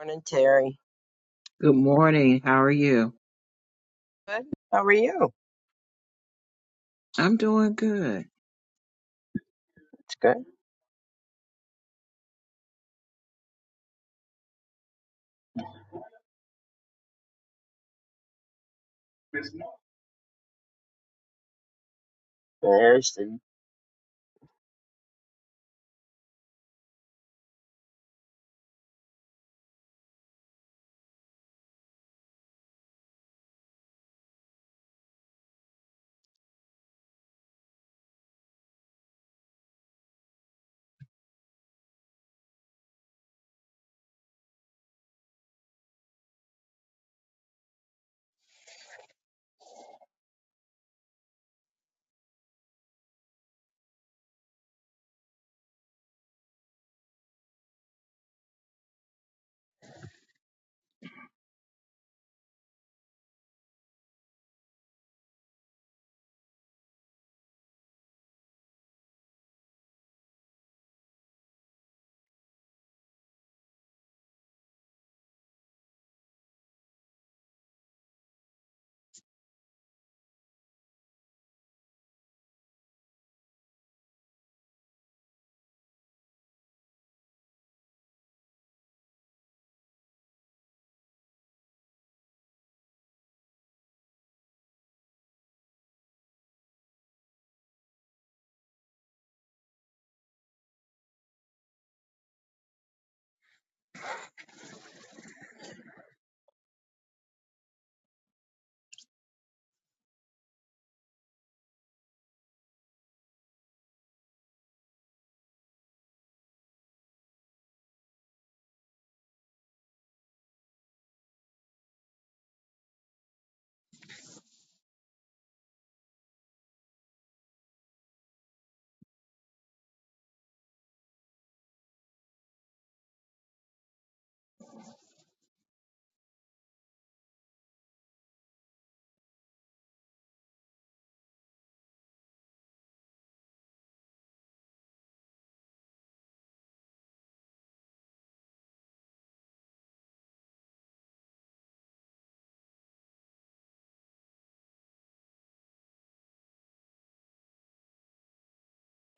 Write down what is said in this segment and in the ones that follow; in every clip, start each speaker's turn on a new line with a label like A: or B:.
A: Morning, Terry.
B: Good morning. How are you?
A: Good. How are you?
B: I'm doing good.
A: It's good. There's the-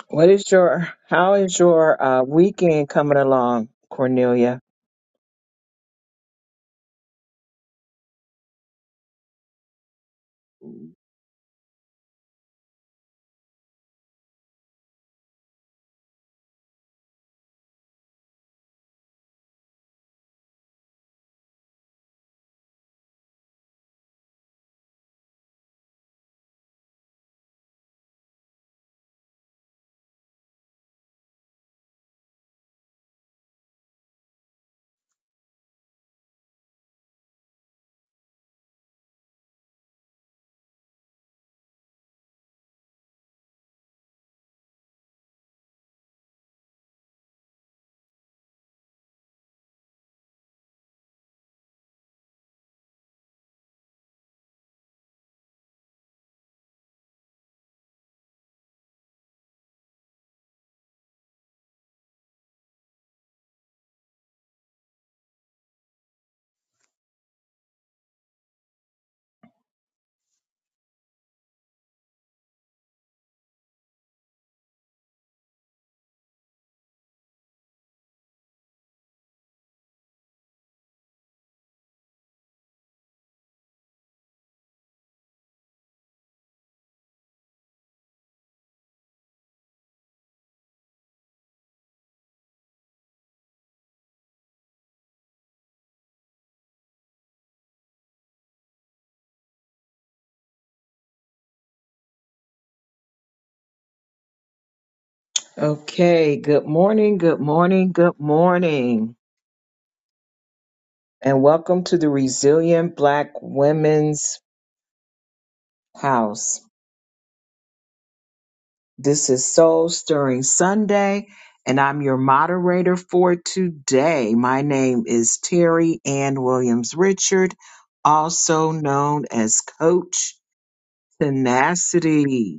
B: What is your how is your uh, weekend coming along, Cornelia? Okay. Good morning. Good morning. Good morning. And welcome to the Resilient Black Women's House. This is Soul Stirring Sunday, and I'm your moderator for today. My name is Terry Ann Williams Richard, also known as Coach Tenacity.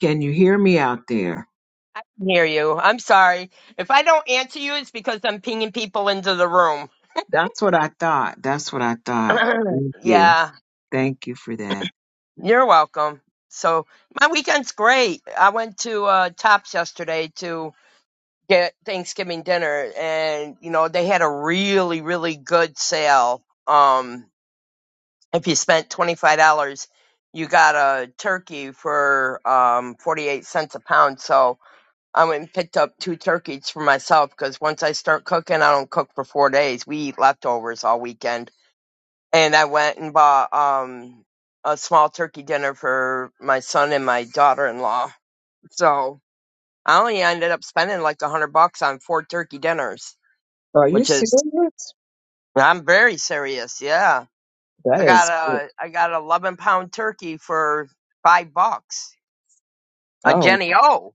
B: Can you hear me out there?
A: I can hear you. I'm sorry. If I don't answer you, it's because I'm pinging people into the room.
B: That's what I thought. That's what I thought. Thank you.
A: yeah,
B: Thank you for that.
A: you're welcome. So my weekend's great. I went to uh, Tops yesterday to get Thanksgiving dinner, and you know they had a really, really good sale. Um, if you spent twenty five dollars, you got a turkey for um forty eight cents a pound. So I went and picked up two turkeys for myself because once I start cooking, I don't cook for four days. We eat leftovers all weekend. And I went and bought um a small turkey dinner for my son and my daughter in law. So I only ended up spending like a hundred bucks on four turkey dinners,
B: Are you
A: which is
B: serious?
A: I'm very serious. Yeah,
B: That
A: I got
B: is
A: a I got an eleven pound turkey for five bucks, a
B: oh.
A: Jenny O,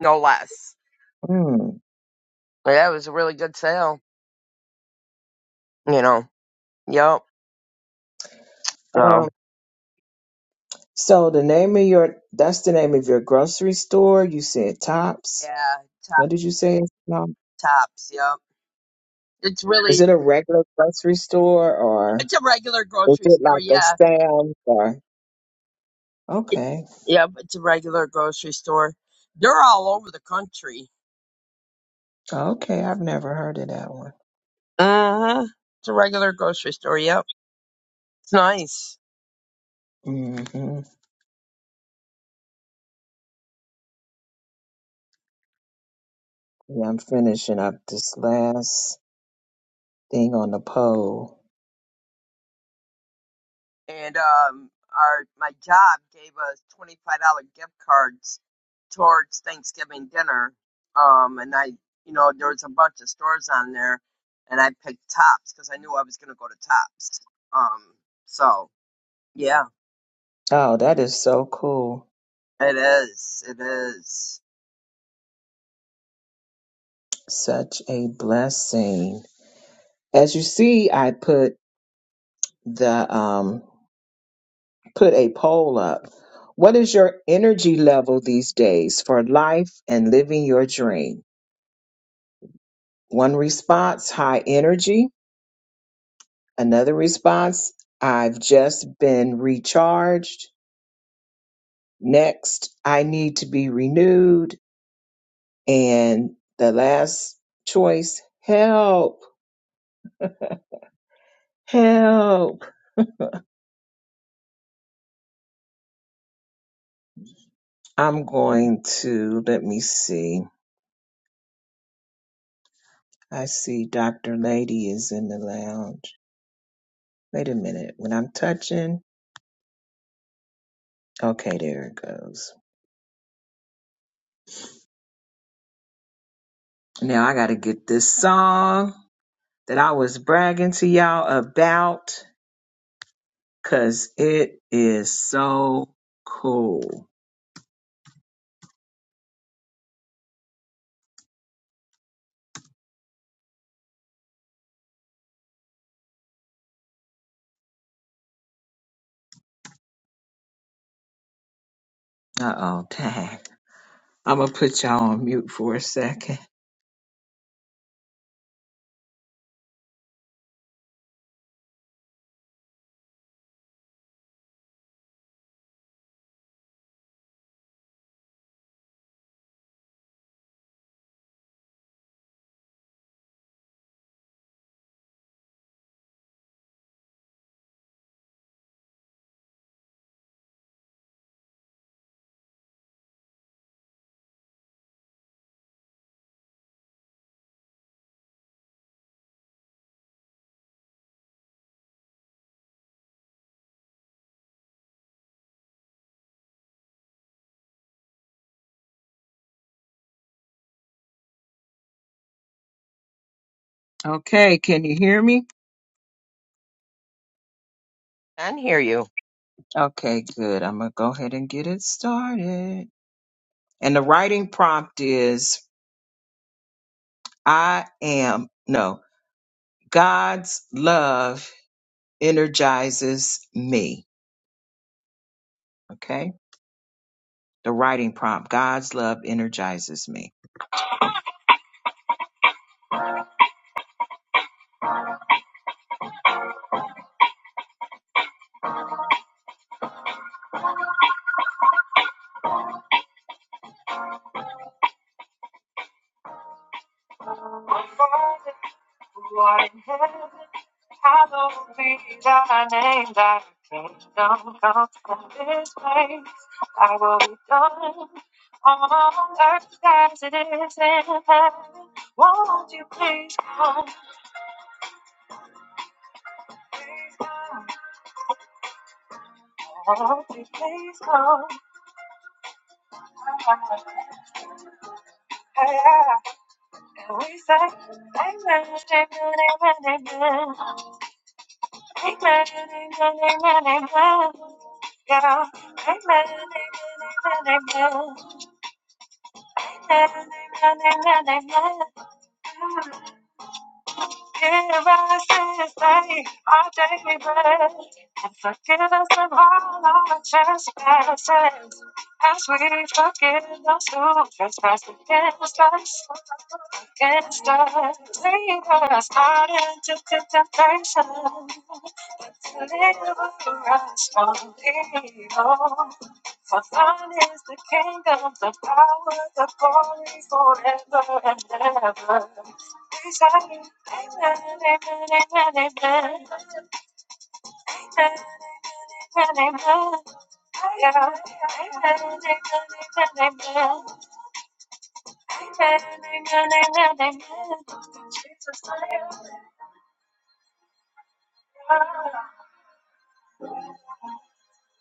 A: no less.
B: Mm.
A: Yeah, it was a really good sale. You know. Yep. So.
B: Um, so the name of your that's the name of your grocery store. You said Tops.
A: Yeah, top
B: What did you say? it's called?
A: tops. Yep. It's
B: Is
A: really
B: it a regular grocery store or
A: it's a regular
B: is
A: grocery
B: it
A: store.
B: like a
A: Yeah.
B: Sam's or?
A: It-
B: Okay,
A: Yep. It's a regular grocery store. They're all over the country.
B: okay. I've never heard of that one.
A: Uh huh. It's a regular grocery store. Yep. It's nice.
B: hmm Yeah, I'm finishing up this last thing on the poll.
A: And um, our my job gave us twenty five dollar gift cards towards Thanksgiving dinner. Um, and I, you know, there was a bunch of stores on there, and I picked Tops because I knew I was gonna go to Tops. Um, so yeah.
B: Oh, that is so cool.
A: It is. It is.
B: Such a blessing. As you see, I put the um put a poll up. What is your energy level these days for life and living your dream? One response, high energy. Another response, I've just been recharged. Next, I need to be renewed. And the last choice, help, help. I'm going to, let me see. I see Dr. Lady is in the lounge. Wait a minute. When I'm touching, okay, there it goes. Now I got to get this song that I was bragging to y'all about because it is so cool. Uh oh, dang. I'm going to put y'all on mute for a second. Okay, can you hear me?
A: Can hear you.
B: Okay, good. I'm going to go ahead and get it started. And the writing prompt is I am, no, God's love energizes me. Okay. The writing prompt God's love energizes me. My Father, who art in heaven, hallowed be thy name, thy kingdom come from this place. Thy will be done on earth as it is in heaven. Won't you Please come. Won't you please come? We say, amen, amen, amen, amen, amen, amen, amen. Yeah, amen, amen, Give us this day our daily bread, and forgive us of all our trespasses, as we forgive those who trespass against us. Against us, lead us not into temptation, a Little I strong people. For thine is the kingdom, the power, the glory forever and ever. We say, Amen, amen, amen, amen. Amen, amen, amen. Yeah. Amen, amen, amen, amen. Amen, amen, amen, amen. Jesus, I am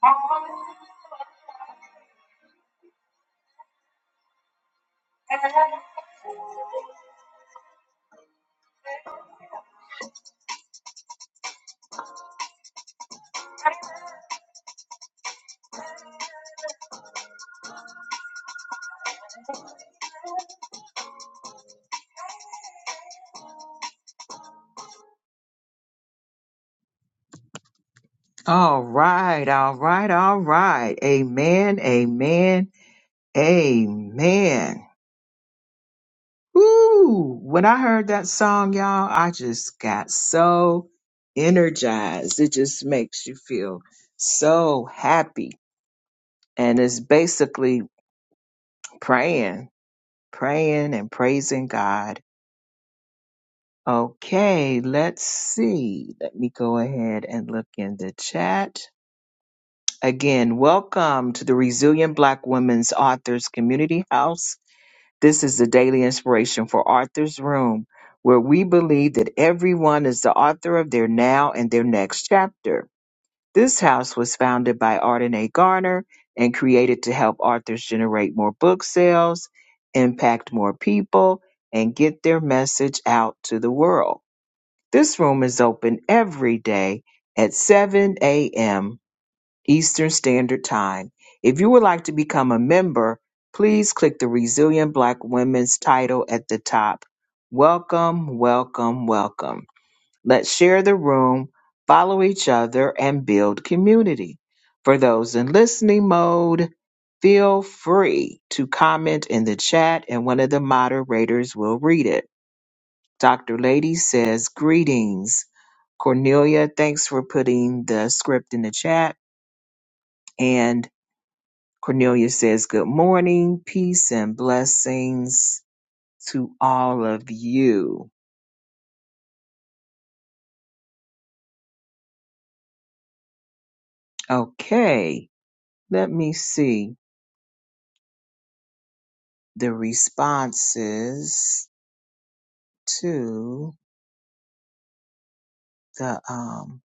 B: God. I am All right, all right, all right. Amen, amen, amen. Woo! When I heard that song, y'all, I just got so energized. It just makes you feel so happy. And it's basically praying, praying and praising God. Okay, let's see. Let me go ahead and look in the chat. Again, welcome to the Resilient Black Women's Authors Community House. This is the daily inspiration for Authors Room, where we believe that everyone is the author of their now and their next chapter. This house was founded by Arden A. Garner and created to help authors generate more book sales, impact more people, and get their message out to the world. This room is open every day at 7 a.m Eastern Standard Time. If you would like to become a member, please click the Resilient Black Women's title at the top. Welcome, welcome, welcome. Let's share the room, follow each other, and build community. For those in listening mode, feel free to comment in the chat and one of the moderators will read it. Dr. Lady says, Greetings. Cornelia, thanks for putting the script in the chat. Cornelia says, Good morning, peace, and blessings to all of you. Okay, let me see the responses to the, um,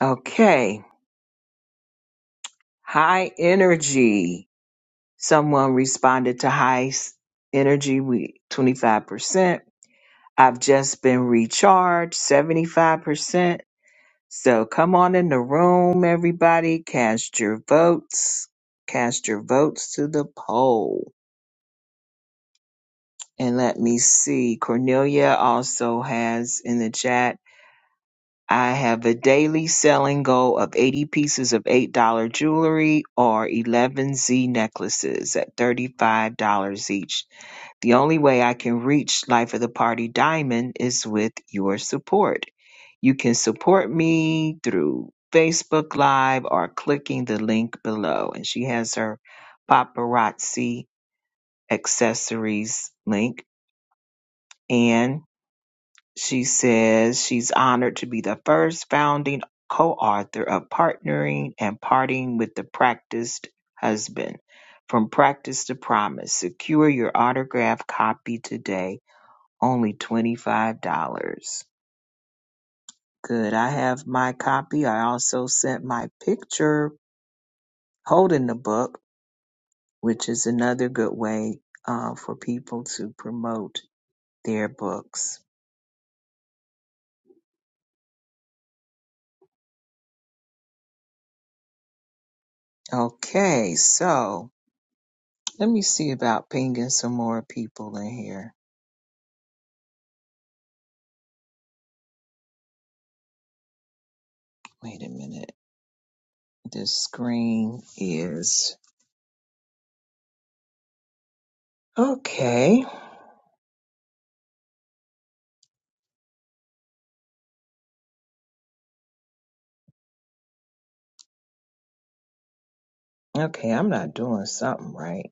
B: okay, high energy. Someone responded to high s- energy, we 25%. I've just been recharged, 75%. So come on in the room, everybody. Cast your votes. Cast your votes to the poll. And let me see. Cornelia also has in the chat. I have a daily selling goal of 80 pieces of $8 jewelry or 11 Z necklaces at $35 each. The only way I can reach Life of the Party Diamond is with your support. You can support me through Facebook Live or clicking the link below. And she has her paparazzi accessories link. And she says she's honored to be the first founding co author of Partnering and Parting with the Practiced Husband. From Practice to Promise. Secure your autographed copy today only $25. Good. I have my copy. I also sent my picture holding the book, which is another good way uh, for people to promote their books. Okay, so let me see about pinging some more people in here. Wait a minute. This screen is okay. Okay, I'm not doing something right.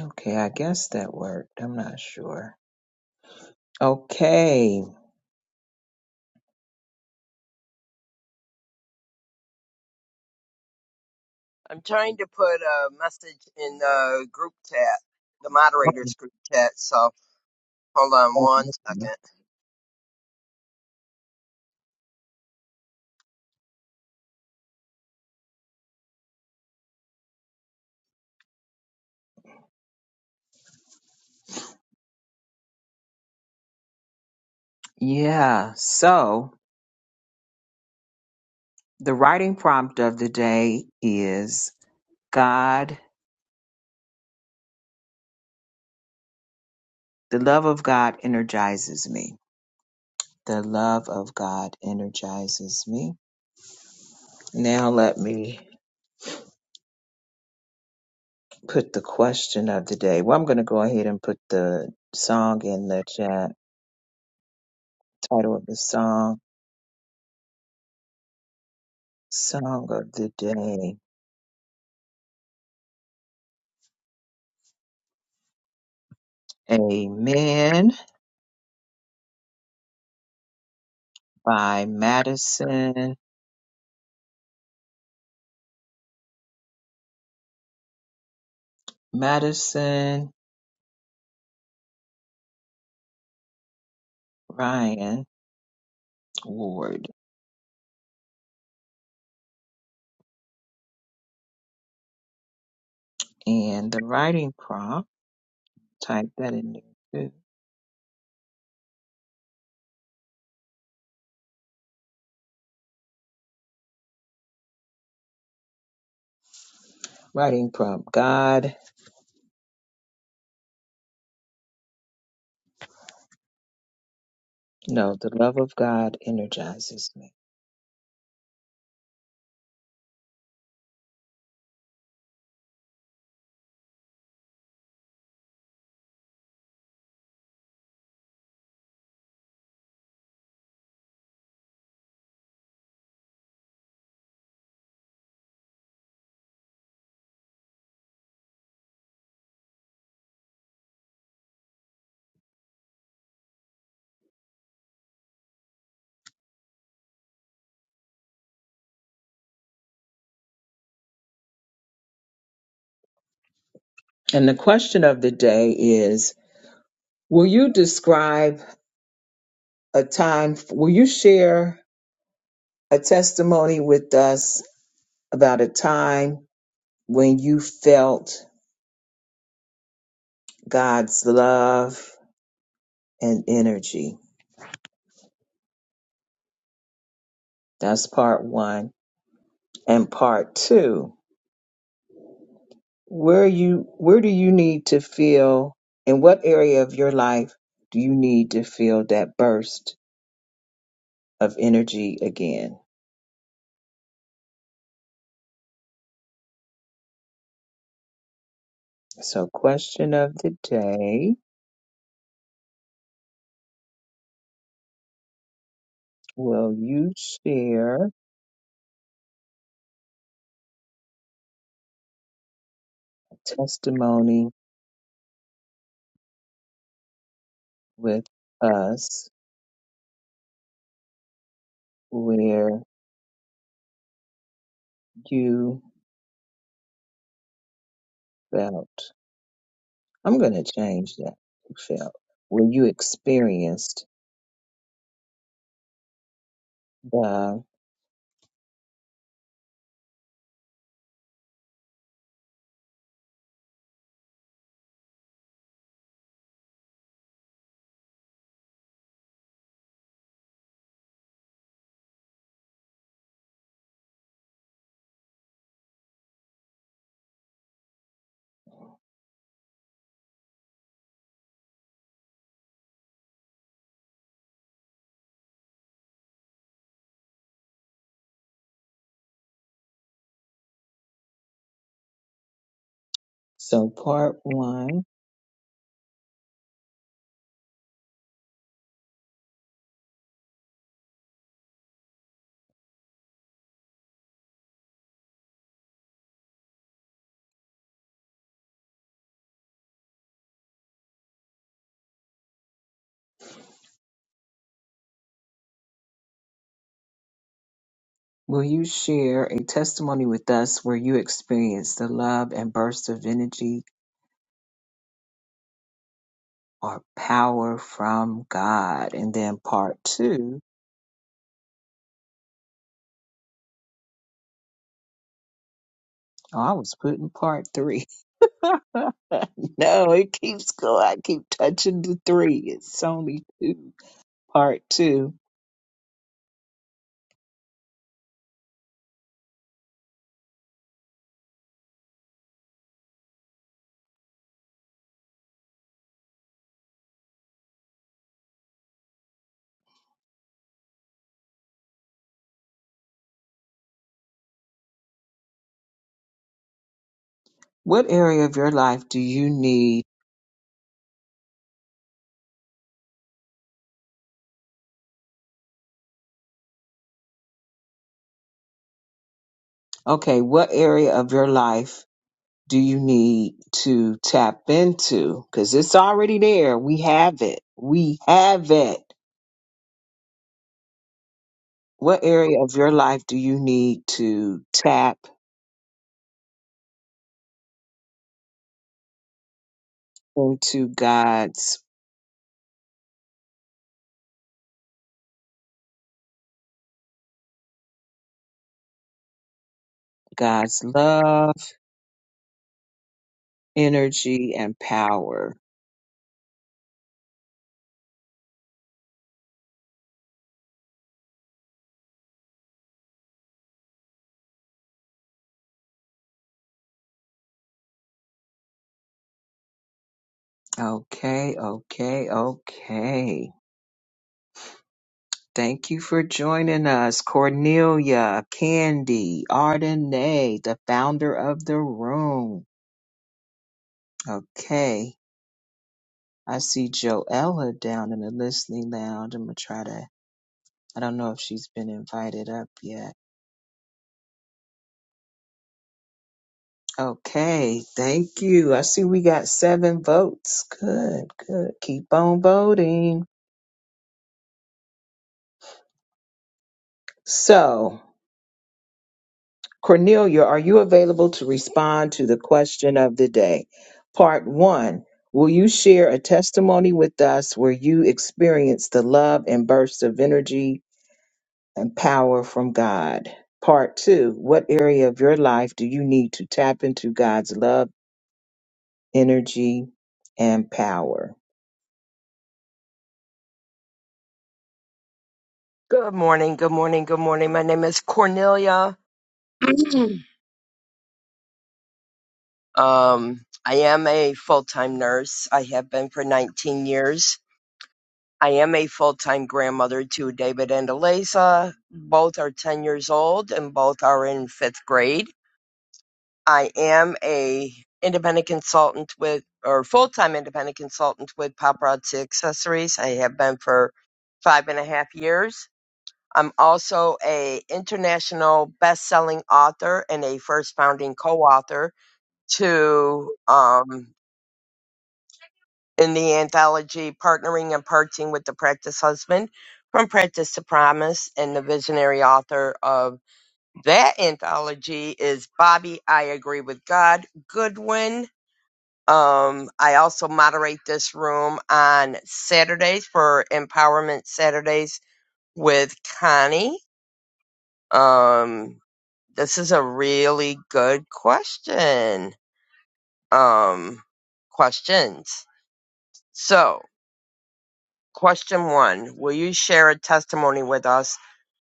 B: Okay, I guess that worked. I'm not sure. Okay.
A: I'm trying to put a message in the group chat, the moderators group chat. So hold on one second.
B: Yeah. So the writing prompt of the day is God, the love of God energizes me. The love of God energizes me. Now let me put the question of the day. Well, I'm going to go ahead and put the song in the chat. Title of the song, Song of the Day. Amen by Madison, Madison Ryan Ward. And the writing prompt. type that in there too. Writing prompt God, no, the love of God energizes me. And the question of the day is Will you describe a time, will you share a testimony with us about a time when you felt God's love and energy? That's part one. And part two. where you where do you need to feel in what area of your life do you need to feel that burst of energy again so question of the day will you share a testimony with us where you felt i'm going to change that you felt where you experienced the so part one Will you share a testimony with us where you experienced the love and burst of energy or power from God? And then part two. Oh, I was putting part three. no, it keeps going. I keep touching the three. It's only two. Part two. What area of your life do you need? Okay, what area of your life do you need to tap into? Because it's already there. We have it. We have it What area of your life do you need to tap into God's God's love, energy, and power? Okay, okay, okay. Thank you for joining us, Cornelia, Candy, Ardenay, the founder of the room. Okay, I see Joella down in the listening lounge. I'm gonna try to. I don't know if she's been invited up yet. Okay, thank you. I see we got seven votes. Good, good. Keep on voting. So, Cornelia, are you available to respond to the question of the day? Part one Will you share a testimony with us where you experienced the love and bursts of energy and power from God? Part two What area of your life do you need to tap into God's love, energy, and power?
A: Good morning. Good morning. Good morning. My name is Cornelia. um, I am a full time nurse. I have been for 19 years. I am a full time grandmother to David and Eliza. Both are 10 years old and both are in fifth grade. I am a independent consultant with or full time independent consultant with Paparazzi Accessories. I have been for five and a half years. I'm also a international best selling author and a first founding co author to um in the anthology Partnering and Parting with the Practice Husband from Practice to Promise and the visionary author of that anthology is Bobby I Agree with God Goodwin Um, I also moderate this room on Saturdays for Empowerment Saturdays with Connie. Um, this is a really good question. Um, questions. So, question one Will you share a testimony with us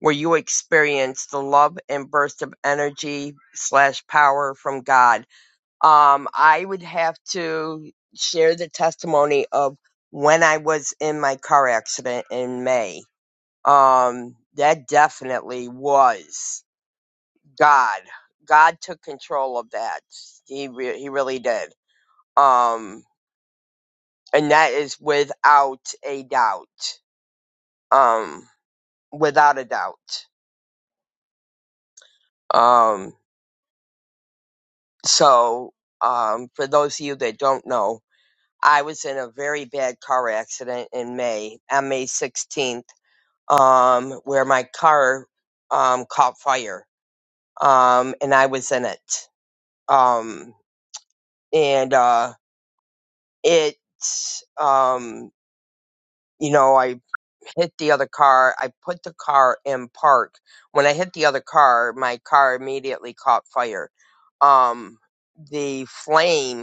A: where you experienced the love and burst of energy slash power from God? Um, I would have to share the testimony of when I was in my car accident in May. Um, that definitely was God. God took control of that. He re- he really did. Um, and that is without a doubt. Um, without a doubt. Um, so um, for those of you that don't know, I was in a very bad car accident in May, on May 16th um, where my car um, caught fire, um, and I was in it. Um, and uh, it, um, you know, I hit the other car. I put the car in park. When I hit the other car, my car immediately caught fire. Um, the flame.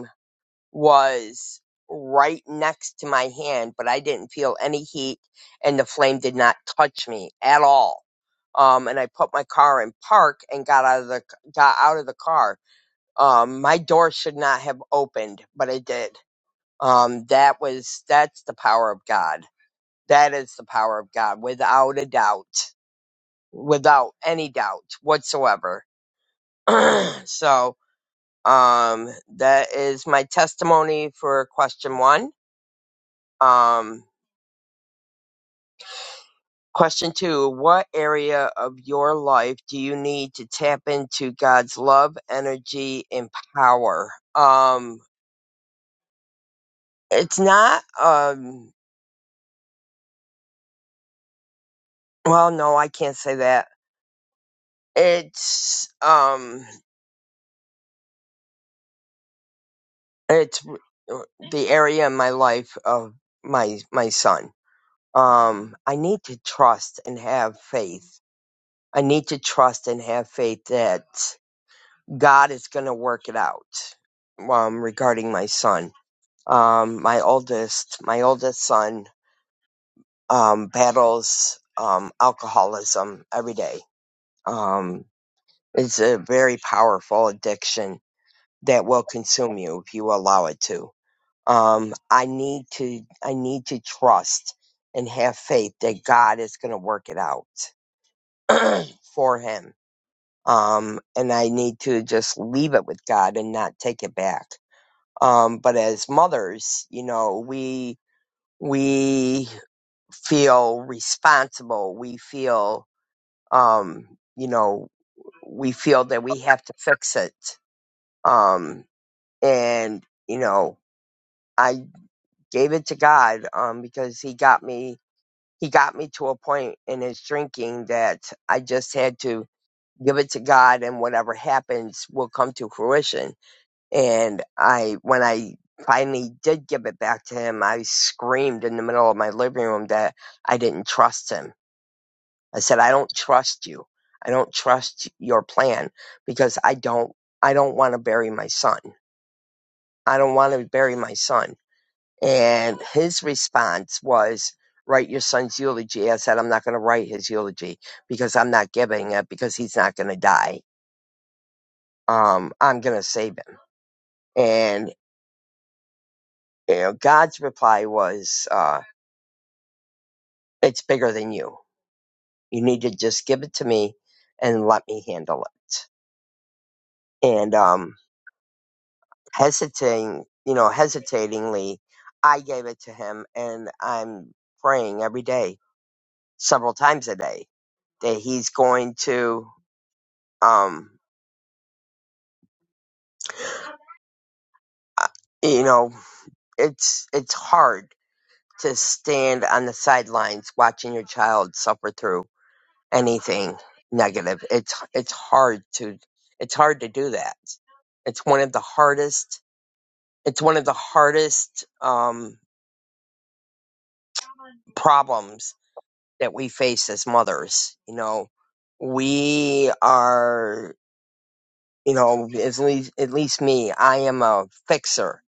A: was right next to my hand, but I didn't feel any heat and the flame did not touch me at all. Um, and I put my car in park and got out of the, got out of the car. Um, my door should not have opened, but it did. Um, that was, that's the power of God. That is the power of God without a doubt, without any doubt whatsoever. so, um, that is my testimony for question one Um, question two What area of your life do you need to tap into God's love, energy, and power? Um, it's not, um, well, no, I can't say that. It's, um, it's r- the area in my life of my, my son. Um, I need to trust and have faith. I need to trust and have faith that God is going to work it out, um, regarding my son Um, my oldest, my oldest son, um, battles um, alcoholism every day. Um, it's a very powerful addiction that will consume you if you allow it to. Um, I need to, I need to trust and have faith that God is going to work it out for him. Um, and I need to just leave it with God and not take it back. Um, but as mothers, you know, we, we feel responsible. We feel, um, you know, we feel that we have to fix it. Um, and you know, I gave it to God, um, because He got me. He got me to a point in His drinking that I just had to give it to God, and whatever happens will come to fruition. And I, when I finally did give it back to Him, I screamed in the middle of my living room that I didn't trust Him I said, I don't trust you. I don't trust your plan because I don't, I don't want to bury my son. I don't want to bury my son. And his response was, write your son's eulogy. I said, I'm not going to write his eulogy because I'm not giving it because he's not going to die. Um, I'm going to save him. And, you know, God's reply was, uh, it's bigger than you. You need to just give it to me and let me handle it. And, um, hesitating, you know, hesitatingly, I gave it to him, and I'm praying every day, several times a day, that he's going to, um, uh, you know, it's it's hard to stand on the sidelines watching your child suffer through anything negative. It's it's hard to it's hard to do that. It's one of the hardest. It's one of the hardest um, problems that we face as mothers. You know, we are, you know, at least, at least me, I am a fixer.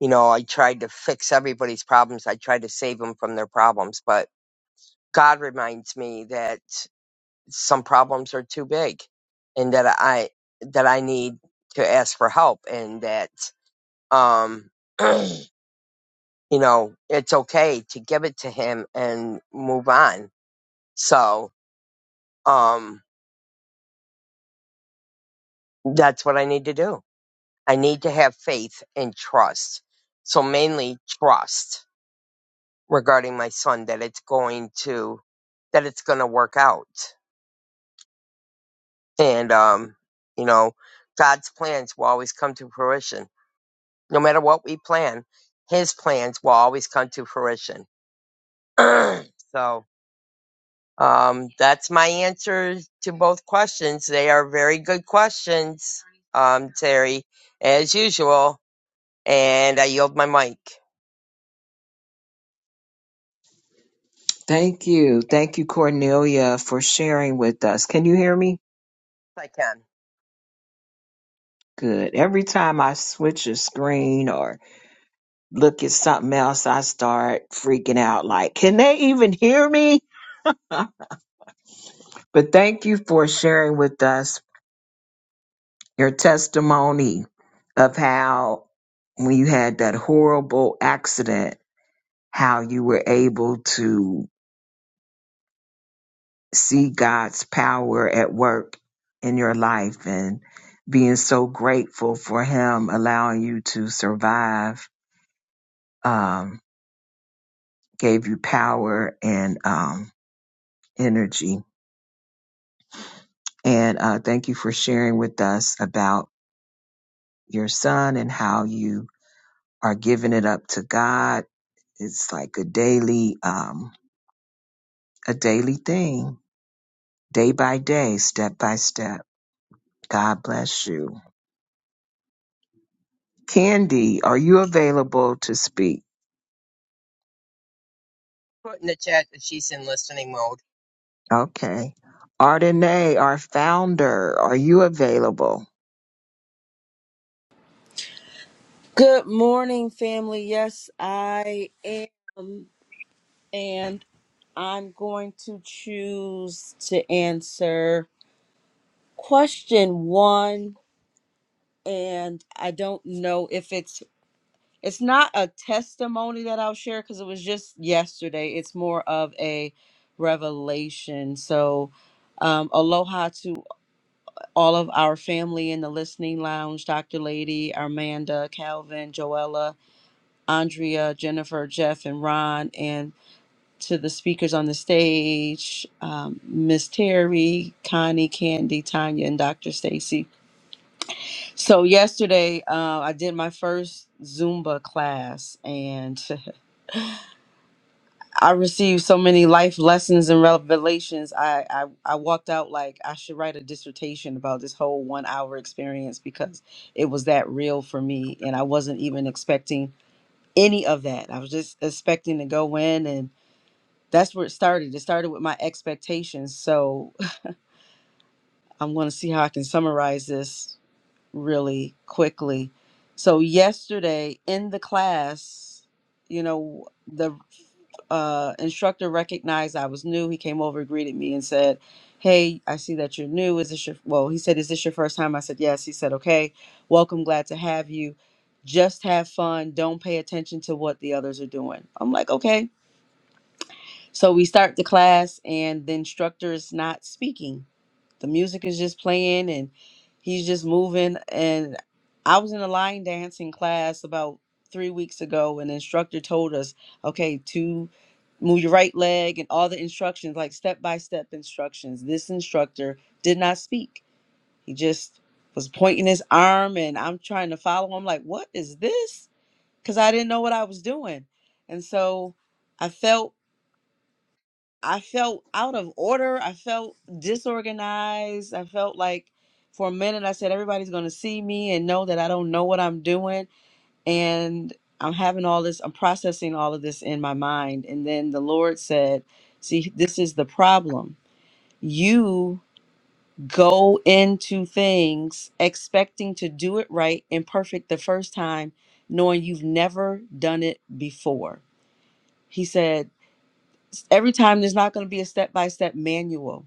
A: You know, I tried to fix everybody's problems. I tried to save them from their problems, but God reminds me that some problems are too big and that I, that I need to ask for help and that, um, you know, it's okay to give it to him and move on. So, um, that's what I need to do I need to have faith and trust. So mainly trust regarding my son that it's going to that it's going to work out. And um, you know, God's plans will always come to fruition. No matter what we plan, his plans will always come to fruition. so, um that's my answer to both questions. They are very good questions. Um Terry, as usual, and I yield my mic if
B: Thank you. Thank you, Cornelia, for sharing with us. Can you hear me?
A: I can.
B: Good. Every time I switch a screen or look at something else, I start freaking out like, can they even hear me? But thank you for sharing with us your testimony of how, when you had that horrible accident, how you were able to see God's power at work in your life and being so grateful for Him allowing you to survive, um, gave you power and um, energy. And uh, thank you for sharing with us about your son and how you are giving it up to God. It's like a daily, um, a daily thing, day by day, step by step. God bless you. Candy, are you available to speak?
A: Put in the chat that she's in listening mode.
B: Okay. Ardenay, our founder, are you available?
C: Good morning, family. Yes, I am. And I'm going to choose to answer question one. And I don't know if it's it's not a testimony that I'll share because it was just yesterday. It's more of a revelation. So um, aloha to all of our family in the listening lounge, Dr. Lady, Armanda, Calvin, Joella. Andrea, Jennifer, Jeff, and Ron, and to the speakers on the stage, um, Miss Terry, Connie, Candy, Tanya, and Dr. Stacy. So yesterday, uh, I did my first Zumba class, and I received so many life lessons and revelations. I, I I walked out like I should write a dissertation about this whole one hour experience because it was that real for me, and I wasn't even expecting any of that. I was just expecting to go in and that's where it started. It started with my expectations. So I'm going to see how I can summarize this really quickly. So yesterday in the class, you know, the uh, instructor recognized I was new. He came over, greeted me, and said, "Hey, I see that you're new. Is this your well?" He said, "Is this your first time?" I said, "Yes." He said, "Okay, welcome. Glad to have you. Just have fun. Don't pay attention to what the others are doing." I'm like, "Okay." So we start the class, and the instructor is not speaking. The music is just playing, and he's just moving. And I was in a line dancing class about three weeks ago, and the instructor told us, okay, to move your right leg and all the instructions, like step by step instructions. This instructor did not speak. He just was pointing his arm, and I'm trying to follow him, like, what is this? Because I didn't know what I was doing. And so I felt I felt out of order. I felt disorganized. I felt like for a minute I said everybody's going to see me and know that I don't know what I'm doing and I'm having all this I'm processing all of this in my mind and then the Lord said, "See, this is the problem. You go into things expecting to do it right and perfect the first time, knowing you've never done it before." He said, "Every time there's not going to be a step-by-step manual."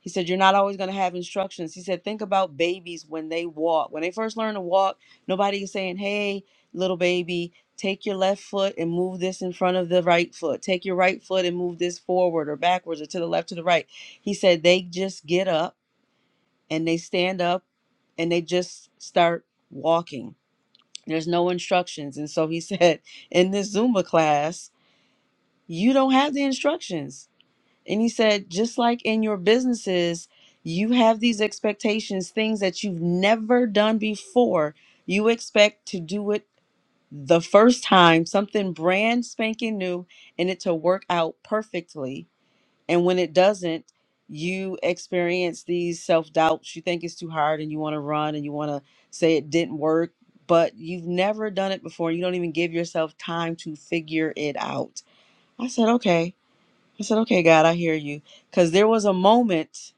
C: He said, You're not always going to have instructions. He said, Think about babies when they walk. When they first learn to walk, nobody is saying, Hey, little baby, take your left foot and move this in front of the right foot. Take your right foot and move this forward or backwards or to the left to the right. He said, They just get up and they stand up and they just start walking. There's no instructions. And so he said, In this Zumba class, you don't have the instructions and he said, just like in your businesses, you have these expectations, things that you've never done before. You expect to do it the first time, something brand spanking new, and it to work out perfectly. And when it doesn't, you experience these self doubts. You think it's too hard and you want to run and you want to say it didn't work, but you've never done it before. You don't even give yourself time to figure it out. I said, okay. I said, okay, God, I hear you. Because there was a moment.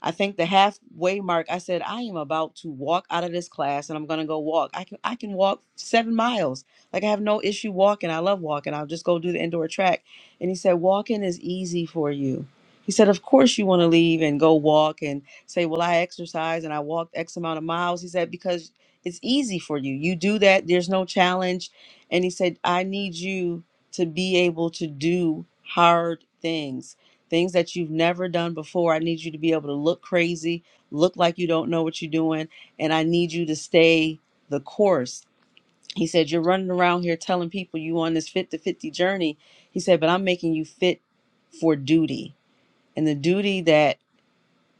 C: I think the halfway mark, I said, I am about to walk out of this class and I'm gonna go walk. I can I can walk seven miles. Like I have no issue walking. I love walking. I'll just go do the indoor track. And he said, Walking is easy for you. He said, Of course you wanna leave and go walk and say, Well, I exercise and I walked X amount of miles. He said, Because it's easy for you. You do that, there's no challenge. And he said, I need you to be able to do hard things things that you've never done before. I need you to be able to look crazy, look like you don't know what you're doing, and I need you to stay the course. He said, You're running around here telling people you on this fit to 50 journey. He said, But I'm making you fit for duty. And the duty that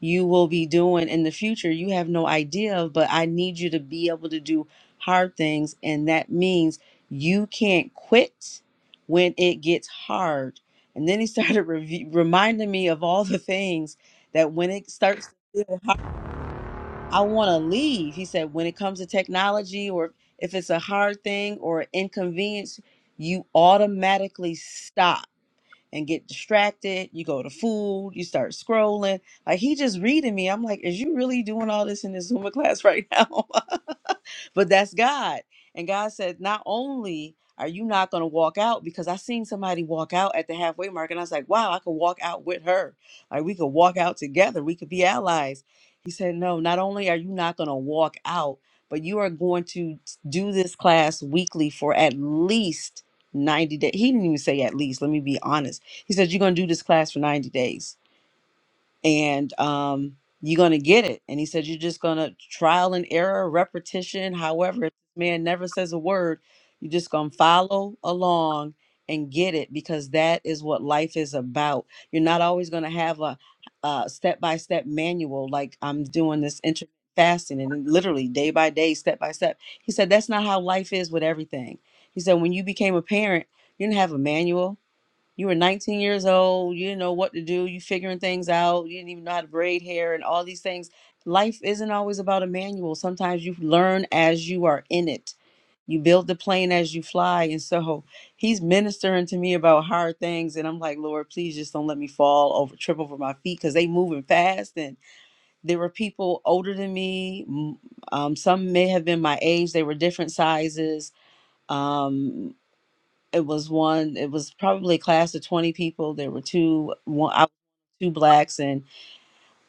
C: you will be doing in the future you have no idea of, but I need you to be able to do hard things. And that means you can't quit when it gets hard. And then he started rev- reminding me of all the things that when it starts to feel hard, I want to leave. He said, when it comes to technology or if it's a hard thing or inconvenience, you automatically stop and get distracted. You go to food, you start scrolling. Like he just reading me. I'm like, is you really doing all this in this Zumba class right now? but that's God. And God said, not only are you not going to walk out, because I seen somebody walk out at the halfway mark, and I was like, wow, I could walk out with her. Like we could walk out together. We could be allies. He said, no, not only are you not going to walk out, but you are going to do this class weekly for at least 90 days. He didn't even say at least. Let me be honest he said, You're going to do this class for 90 days and um, you're going to get it. And he said, You're just going to trial and error, repetition. However, if this man never says a word, you're just going to follow along and get it because that is what life is about. You're not always going to have a uh, step-by-step manual like I'm doing this intermittent fasting and then literally day by day, step by step. He said that's not how life is with everything. He said when you became a parent, you didn't have a manual you were 19 years old. You didn't know what to do. You figuring things out. You didn't even know how to braid hair and all these things. Life isn't always about a manual. Sometimes you learn as you are in it. You build the plane as you fly. And so he's ministering to me about hard things. And I'm like, Lord, please just don't let me fall over, trip over my feet because they moving fast. And there were people older than me. m- Um, some may have been my age. They were different sizes. Um it was one it was probably a class of 20 people there were two one I, was two blacks and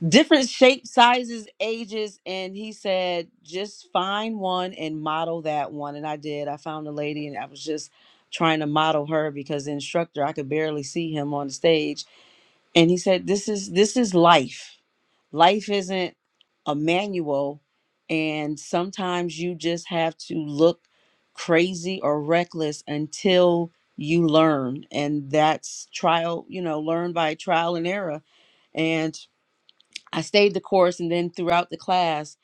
C: different shapes sizes ages and he said just find one and model that one and i did i found a lady and i was just trying to model her because the instructor i could barely see him on the stage and he said this is this is life life isn't a manual and sometimes you just have to look crazy or reckless until you learn and that's trial you know learn by trial and error and i stayed the course and then throughout the class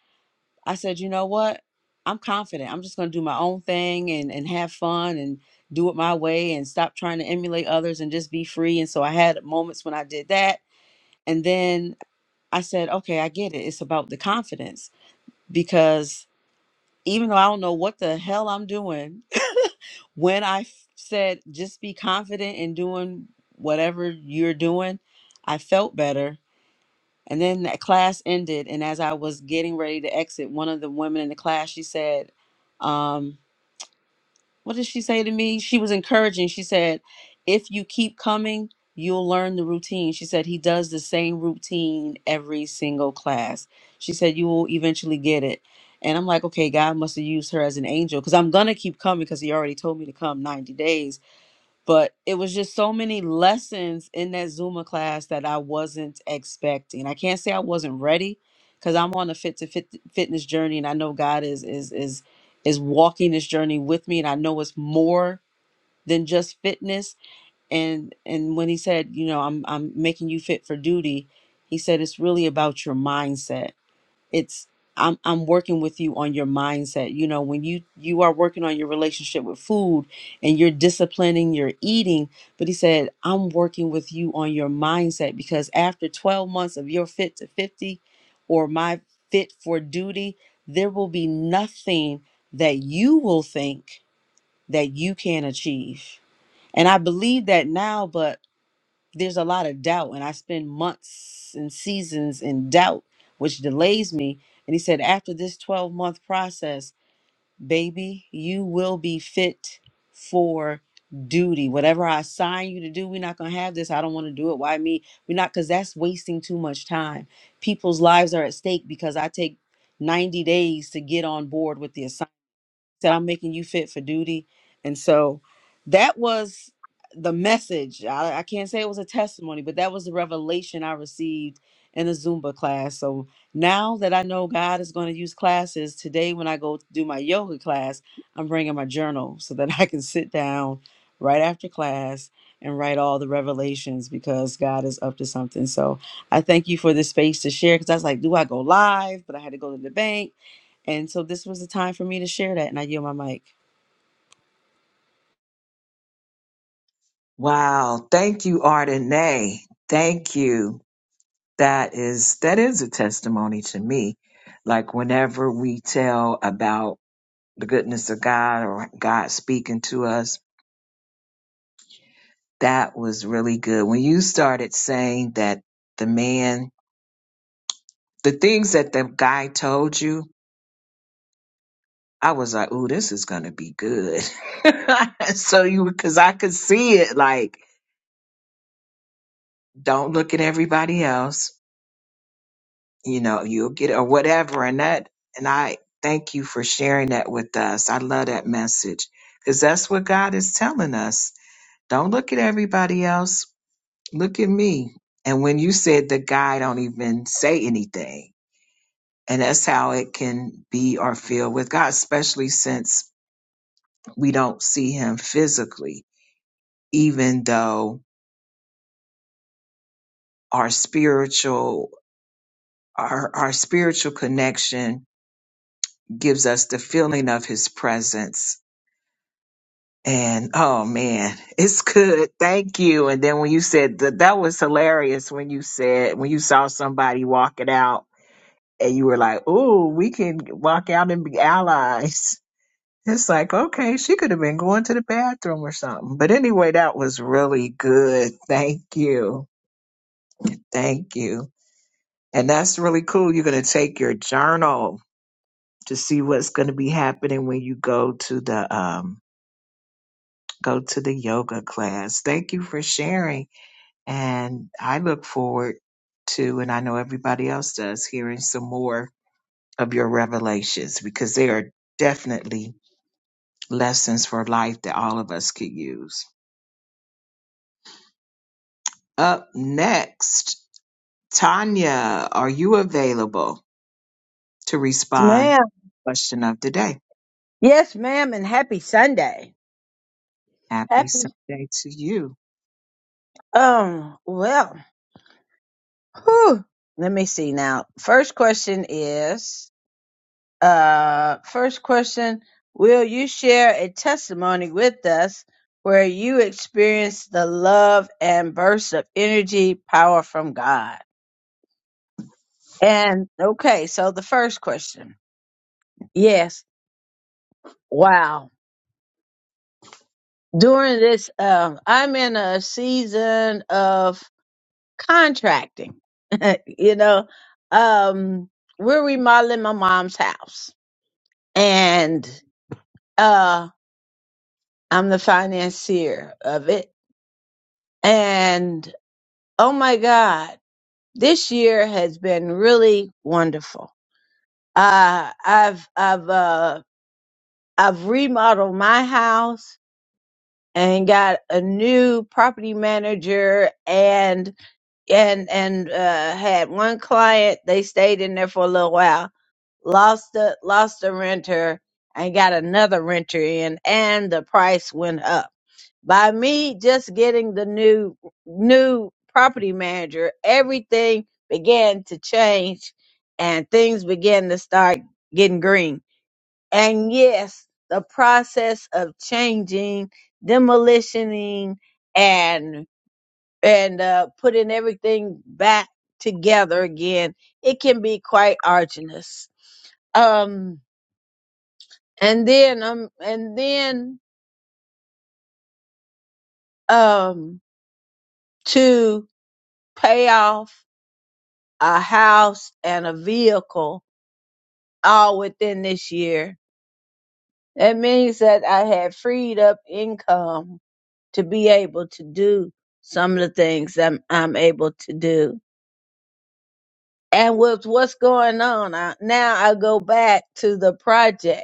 C: i said you know what i'm confident i'm just going to do my own thing and and have fun and do it my way and stop trying to emulate others and just be free and so i had moments when i did that and then I said, okay, I get it. It's about the confidence because even though I don't know what the hell I'm doing, when I f- said, just be confident in doing whatever you're doing, I felt better. And then that class ended. And as I was getting ready to exit, one of the women in the class, she said, um, what did she say to me? She was encouraging. She said, if you keep coming, you'll learn the routine. She said, he does the same routine every single class. She said, you will eventually get it. And I'm like, okay, God must have used her as an angel because I'm going to keep coming because he already told me to come 90 days but it was just so many lessons in that Zuma class that I wasn't expecting. I can't say I wasn't ready because I'm on a fit to fit fitness journey, and I know God is is is is walking this journey with me, and I know it's more than just fitness. And and when He said, you know, I'm I'm making you fit for duty, He said it's really about your mindset it's I'm I'm working with you on your mindset. You know, when you you are working on your relationship with food and you're disciplining your eating, but he said, "I'm working with you on your mindset because after 12 months of your fit to 50 or my fit for duty, there will be nothing that you will think that you can achieve." And I believe that now, but there's a lot of doubt and i spend months and seasons in doubt which delays me and he said after this 12 month process baby you will be fit for duty whatever i assign you to do we're not going to have this i don't want to do it why me we're not because that's wasting too much time people's lives are at stake because i take 90 days to get on board with the assignment said i'm making you fit for duty and so that was the message I, I can't say it was a testimony but that was the revelation i received in a zumba class so now that i know god is going to use classes today when i go to do my yoga class i'm bringing my journal so that i can sit down right after class and write all the revelations because god is up to something so i thank you for this space to share because i was like do i go live but i had to go to the bank and so this was the time for me to share that, and I yield my mic.
B: Wow. Thank you, Ardenay. Thank you. That is that is a testimony to me. Like whenever we tell about the goodness of God or God speaking to us, that was really good. When you started saying that the man, the things that the guy told you, I was like, "Ooh, this is gonna be good." so you, because I could see it, like Don't look at everybody else. You know, you'll get or whatever. And that, and I thank you for sharing that with us. I love that message because that's what God is telling us. Don't look at everybody else. Look at me. And when you said the guy don't even say anything, and that's how it can be or feel with God, especially since we don't see him physically, even though our spiritual our, our spiritual connection gives us the feeling of his presence. And oh man, it's good. Thank you. And then when you said that, that was hilarious when you said, when you saw somebody walking out and you were like, oh, we can walk out and be allies. It's like, okay, she could have been going to the bathroom or something. But anyway, that was really good. Thank you. Thank you. And that's really cool. You're going to take your journal to see what's going to be happening when you go to the, um, go to the yoga class. Thank you for sharing. And I look forward to, and I know everybody else does, hearing some more of your revelations because they are definitely lessons for life that all of us could use. Up next, Tanya, are you available to
D: Yes,
B: respond?
D: ma'am.
B: Question of the day.
D: Yes, ma'am, and happy Sunday.
B: Happy
D: Happy.
B: Sunday to you.
D: Um, well, whew. let me see now. First question is, uh, first question, will you share a testimony with us where you experienced the love and burst of energy power from God? And okay, so the first question. Yes. Wow. During this, um, I'm in a season of contracting. you know, um, we're remodeling my mom's house, and uh, I'm the financier of it. And oh my God, this year has been really wonderful. Uh, I've I've uh, I've remodeled my house and got a new property manager and and and uh, had one client. They stayed in there for a little while lost the lost the renter and got another renter in and the price went up by me just getting the new new property manager everything began to change and things began to start getting green and yes the process of changing demolitioning and and uh, putting everything back together again it can be quite arduous um and then um and then um to pay off a house and a vehicle all within this year. That means that I had freed up income to be able to do some of the things I'm I'm able to do. And with what's going on I, now, I go back to the project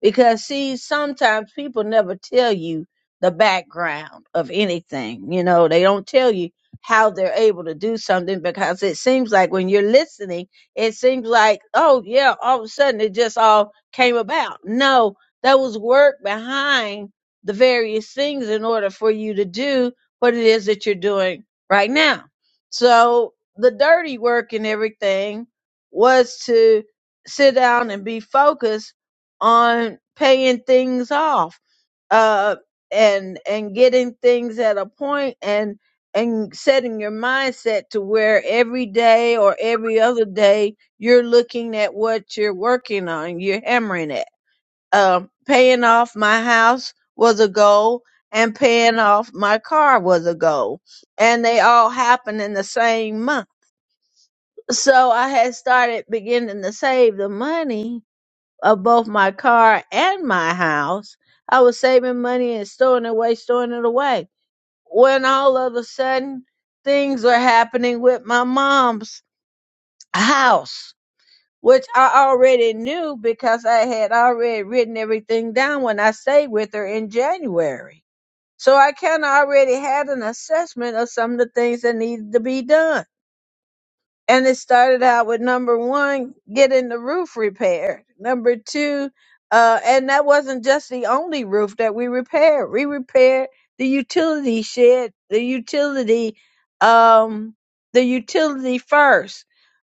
D: Because see, sometimes people never tell you the background of anything. You know, they don't tell you how they're able to do something because it seems like when you're listening, it seems like, oh yeah, all of a sudden it just all came about. No, there was work behind the various things in order for you to do what it is that you're doing right now. So the dirty work and everything was to sit down and be focused on paying things off uh and and getting things at a point and and setting your mindset to where every day or every other day you're looking at what you're working on you're hammering it um paying off my house was a goal and paying off my car was a goal and they all happened in the same month so i had started beginning to save the money of both my car and my house. I was saving money and storing it away, storing it away. When all of a sudden things are happening with my mom's house, which I already knew because I had already written everything down when I stayed with her in January. So I kind of already had an assessment of some of the things that needed to be done and it started out with number one getting the roof repaired number two uh and that wasn't just the only roof that we repaired we repaired the utility shed the utility um the utility first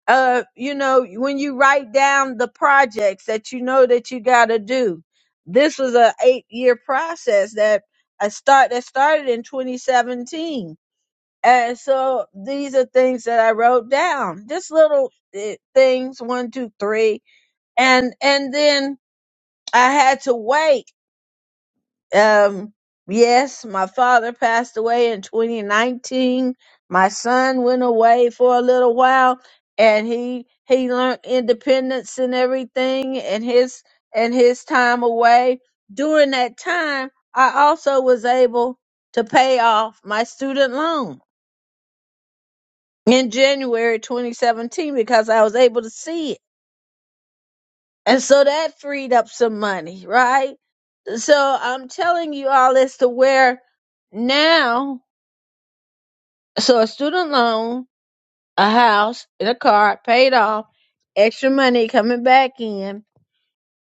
D: uh you know when you write down the projects that you know that you got to do this was a eight year process that a start that started in 2017 and so these are things that I wrote down, just little eh, things, one, two, three. And, and then I had to wait. Um, yes, my father passed away in 2019. My son went away for a little while and he, he learned independence and everything and his, and his time away. During that time, I also was able to pay off my student loan in January 2017 because I was able to see it. And so that freed up some money, right? So I'm telling you all as to where now, so a student loan, a house, and a car paid off, extra money coming back in.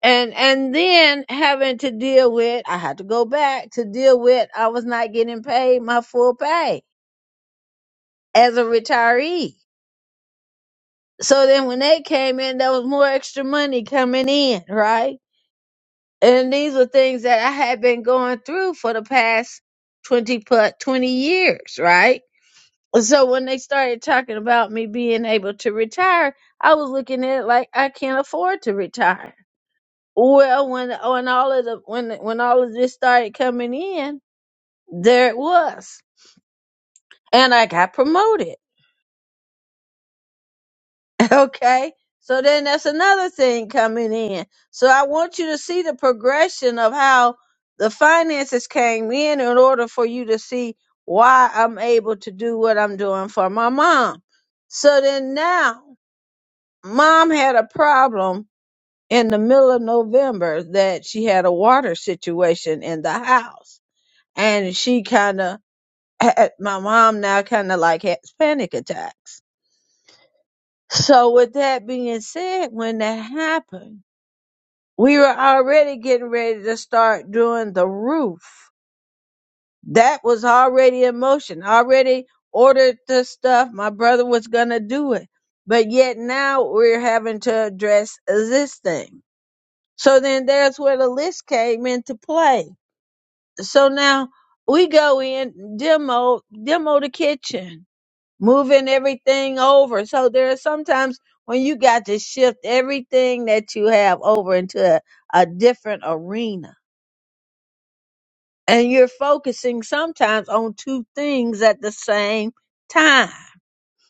D: And and then having to deal with, I had to go back to deal with I was not getting paid my full pay as a retiree. So then when they came in, there was more extra money coming in, right? And these were things that I had been going through for the past 20 plus 20 years, right? So when they started talking about me being able to retire, I was looking at it like I can't afford to retire. Well, when when all of the when when all of this started coming in, there it was. And I got promoted. Okay. So then that's another thing coming in. So I want you to see the progression of how the finances came in in order for you to see why I'm able to do what I'm doing for my mom. So then now mom had a problem in the middle of November that she had a water situation in the house and she kind of my mom now kind of like has panic attacks. So with that being said, when that happened, we were already getting ready to start doing the roof. That was already in motion. Already ordered the stuff. My brother was gonna do it. But yet now we're having to address this thing. So then there's where the list came into play. So now we go in, demo, demo the kitchen, moving everything over. So there are sometimes when you got to shift everything that you have over into a, a different arena and you're focusing sometimes on two things at the same time.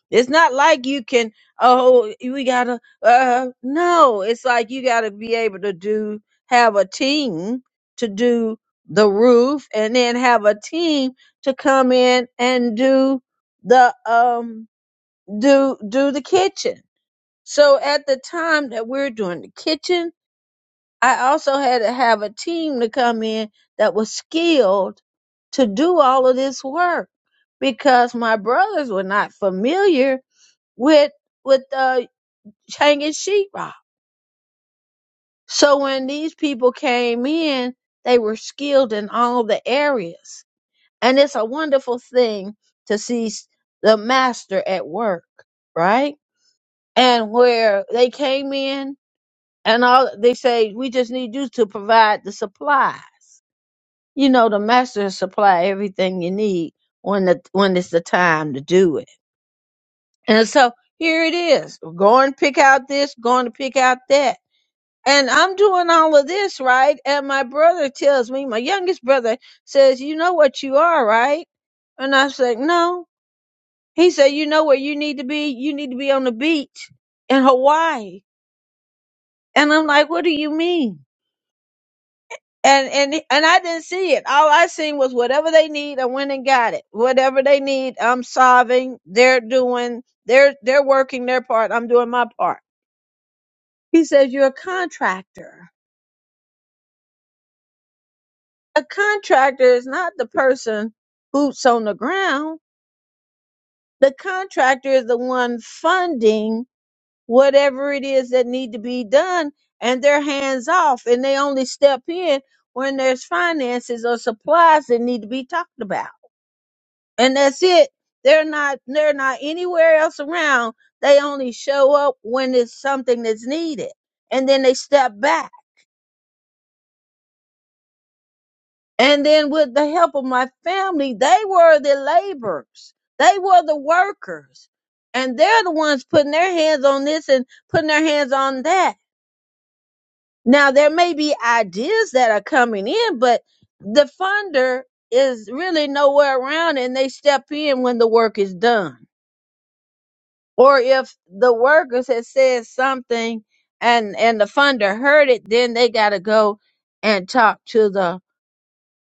D: It's not like you can, oh, we gotta, uh, no, it's like you gotta be able to do, have a team to do the roof and then have a team to come in and do the, um, do, do the kitchen. So at the time that we're doing the kitchen, I also had to have a team to come in that was skilled to do all of this work because my brothers were not familiar with with uh, hanging sheetrock. So when these people came in, they were skilled in all the areas, and it's a wonderful thing to see s- the master at work, right? And where they came in, and all they say, we just need you to provide the supply You know, the master will supply everything you need when the when it's the time to do it. And so here it is. Go and pick out this, going to pick out that. And I'm doing all of this, right? And my brother tells me, my youngest brother says, You know what you are, right? And I said, No. He said, You know where you need to be? You need to be on the beach in Hawaii. And I'm like, What do you mean? and and and I didn't see it. All I seen was whatever they need, I went and got it. Whatever they need, I'm solving. They're doing. They're they're working their part. I'm doing my part. He says you're a contractor. A contractor is not the person boots on the ground. The contractor is the one funding whatever it is that need to be done, and they're hands off, and they only step in when there's finances or supplies that need to be talked about and that's it. They're not they're not anywhere else around. They only show up when it's something that's needed, and then they step back. And then with the help of my family, they were the laborers. They were the workers. And they're the ones putting their hands on this and putting their hands on that. Now there may be ideas that are coming in, but the funder is really nowhere around and they step in when the work is done or if the workers had said something and and the funder heard it then they got to go and talk to the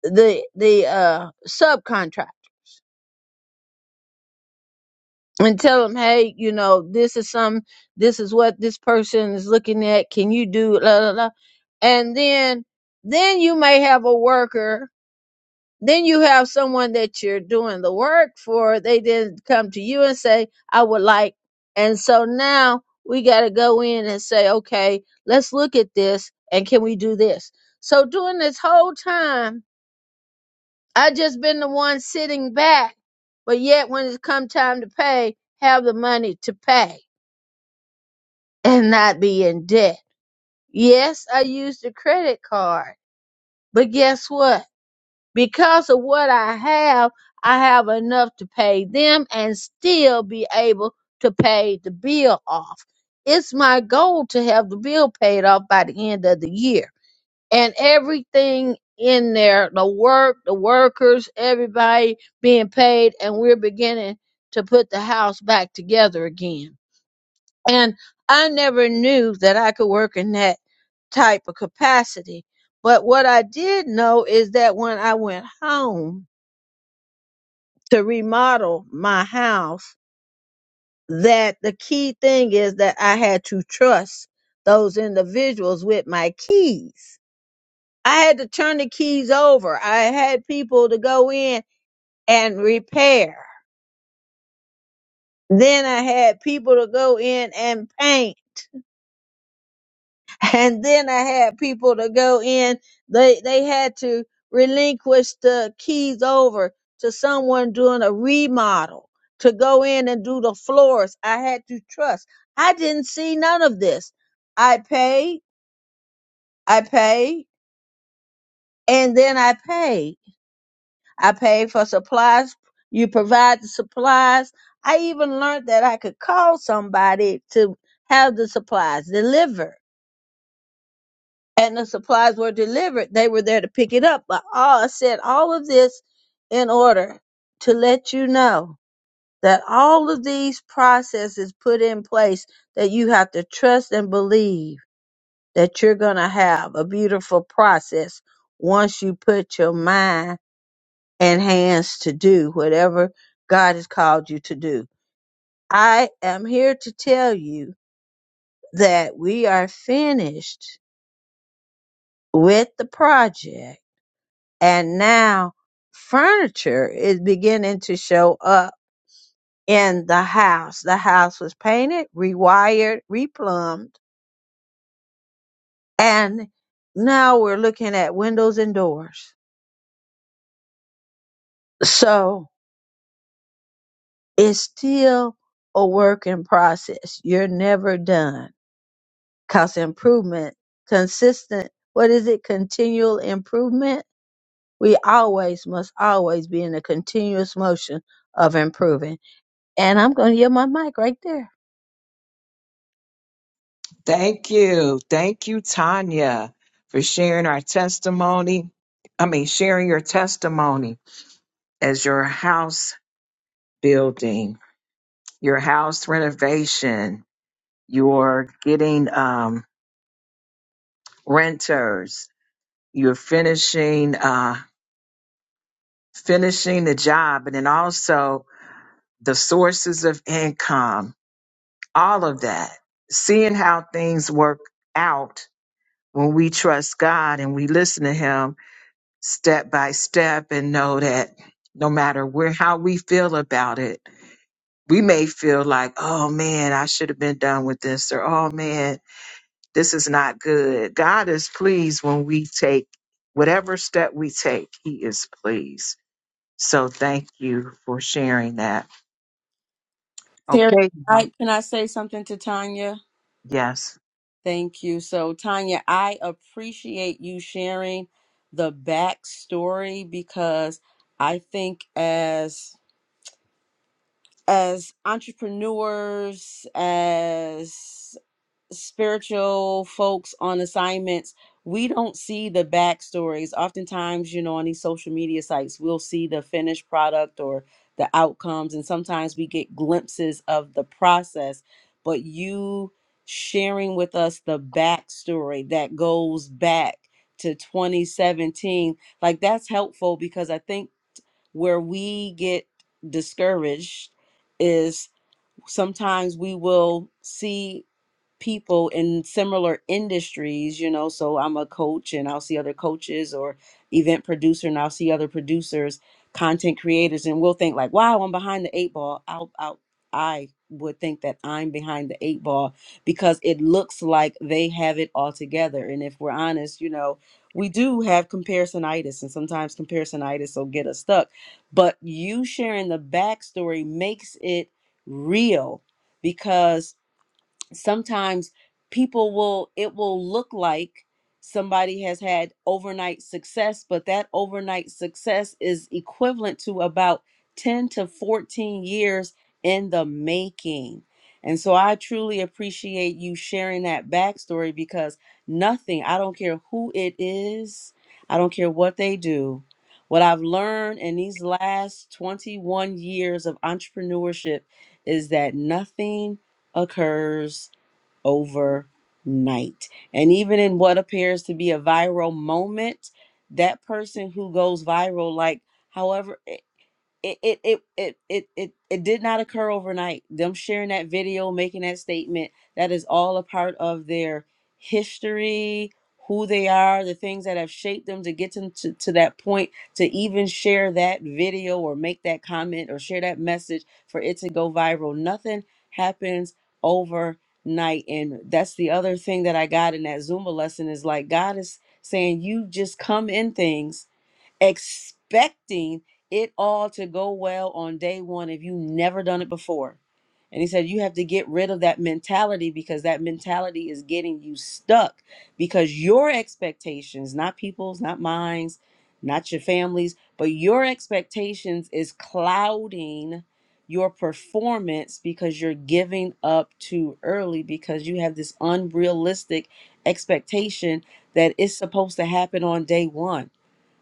D: the the uh subcontract and tell them hey you know this is some this is what this person is looking at can you do la la la and then then you may have a worker then you have someone that you're doing the work for. They didn't come to you and say, I would like. And so now we got to go in and say, okay, let's look at this and can we do this? So during this whole time, I just been the one sitting back, but yet when it's come time to pay, have the money to pay and not be in debt. Yes, I used a credit card, but guess what? because of what I have, I have enough to pay them and still be able to pay the bill off. It's my goal to have the bill paid off by the end of the year. And everything in there, the work, the workers, everybody being paid, and we're beginning to put the house back together again. And I never knew that I could work in that type of capacity. But what I did know is that when I went home to remodel my house, that the key thing is that I had to trust those individuals with my keys. I had to turn the keys over. I had people to go in and repair. Then I had people to go in and paint and then I had people to go in. They they had to relinquish the keys over to someone doing a remodel to go in and do the floors. I had to trust. I didn't see none of this. I paid, I paid, and then I paid. I paid for supplies. You provide the supplies. I even learned that I could call somebody to have the supplies delivered. and the supplies were delivered, they were there to pick it up. But all, I said all of this in order to let you know that all of these processes put in place that you have to trust and believe that you're going to have a beautiful process once you put your mind and hands to do whatever God has called you to do. I am here to tell you that we are finished with the project and now furniture is beginning to show up in the house. The house was painted, rewired, replumbed, and now we're looking at windows and doors. So it's still a work in process. You're never done because improvement, consistent, what is it? Continual improvement. We always must always be in a continuous motion of improving. And I'm going to yield my mic right there.
B: Thank you. Thank you, Tanya, for sharing our testimony. I mean, sharing your testimony as your house building, your house renovation, you're getting um, renters, you're finishing uh, finishing the job, and then also the sources of income, all of that. Seeing how things work out when we trust God and we listen to Him step by step and know that no matter where how we feel about it, we may feel like, oh man, I should have been done with this, or oh man, this is not good. God is pleased when we take whatever step we take, He is pleased. So thank you for sharing that.
C: Terry,
B: Okay,
C: can
B: y'all.
C: I, can I say something to Tanya?
B: yes.
C: Thank you. So, Tanya, I appreciate you sharing the backstory because I think as as entrepreneurs, as spiritual folks on assignments, we don't see the backstories. Oftentimes, you know, on these social media sites, we'll see the finished product or the outcomes, and sometimes we get glimpses of the process. But you sharing with us the backstory that goes back to 2017, like that's helpful because I think where we get discouraged is sometimes we will see people in similar industries, you know. So I'm a coach and I'll see other coaches or event producer and I'll see other producers, content creators, and we'll think like, wow, I'm behind the eight ball. I'll, I'll I would think that I'm behind the eight ball because it looks like they have it all together. And if we're honest, you know, we do have comparisonitis and sometimes comparisonitis will get us stuck. But you sharing the backstory makes it real because sometimes people will it will look like somebody has had overnight success but that overnight success is equivalent to about 10 to 14 years in the making and so i truly appreciate you sharing that backstory because nothing i don't care who it is i don't care what they do what i've learned in these last 21 years of entrepreneurship is that nothing occurs overnight. And even in what appears to be a viral moment, that person who goes viral, like, however it it it it it it, it did not occur overnight. Them sharing that video, making that statement, that is all a part of their history, who they are, the things that have shaped them to get them to, to that point to even share that video or make that comment or share that message for it to go viral. Nothing happens overnight. And that's the other thing that I got in that Zumba lesson is like God is saying you just come in things expecting it all to go well on day one if you never done it before. And he said, You have to get rid of that mentality because that mentality is getting you stuck because your expectations, not people's, not mine's, not your family's, but your expectations is clouding your performance because you're giving up too early because you have this unrealistic expectation that it's supposed to happen on day one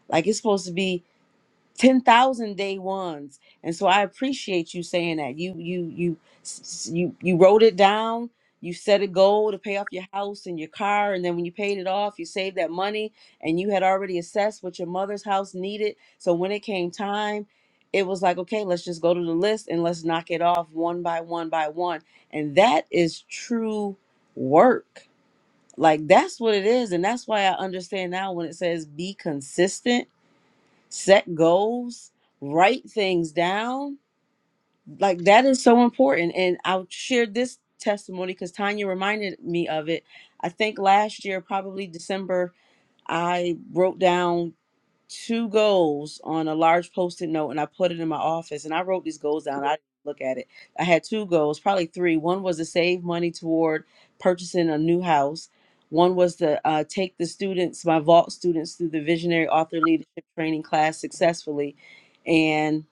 C: like it's supposed to be 10,000 day ones. And so I appreciate you saying that. You you you s- you you wrote it down. You set a goal to pay off your house and your car and then when you paid it off, you saved that money and you had already assessed what your mother's house needed. So when it came time, it was like, okay, let's just go to the list and let's knock it off one by one by one. And that is true work. Like that's what it is and that's why I understand now when it says be consistent set goals, write things down. Like that is so important. And I'll share this testimony because Tanya reminded me of it. I think last year, probably December, I wrote down two goals on a large post-it note and I put it in my office and I wrote these goals down. I didn't look at it. I had two goals, probably three. One was to save money toward purchasing a new house. One was to uh, take the students, my vault students, through the visionary author leadership training class successfully. And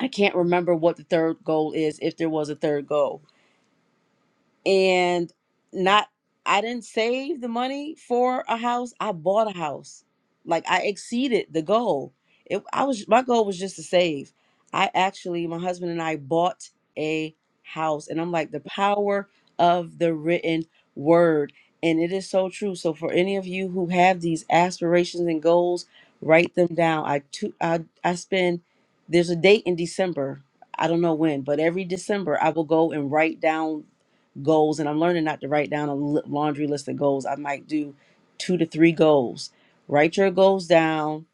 C: I can't remember what the third goal is, if there was a third goal and not I didn't save the money for a house. I bought a house. Like I exceeded the goal. It, I was my goal was just to save. I actually my husband and I bought a house and I'm like the power of the written word and it is so true. So for any of you who have these aspirations and goals, write them down. I to, I I spend there's a date in December. I don't know when, but every December I will go and write down goals and i'm learning not to write down a laundry list of goals i might do two to three goals write your goals down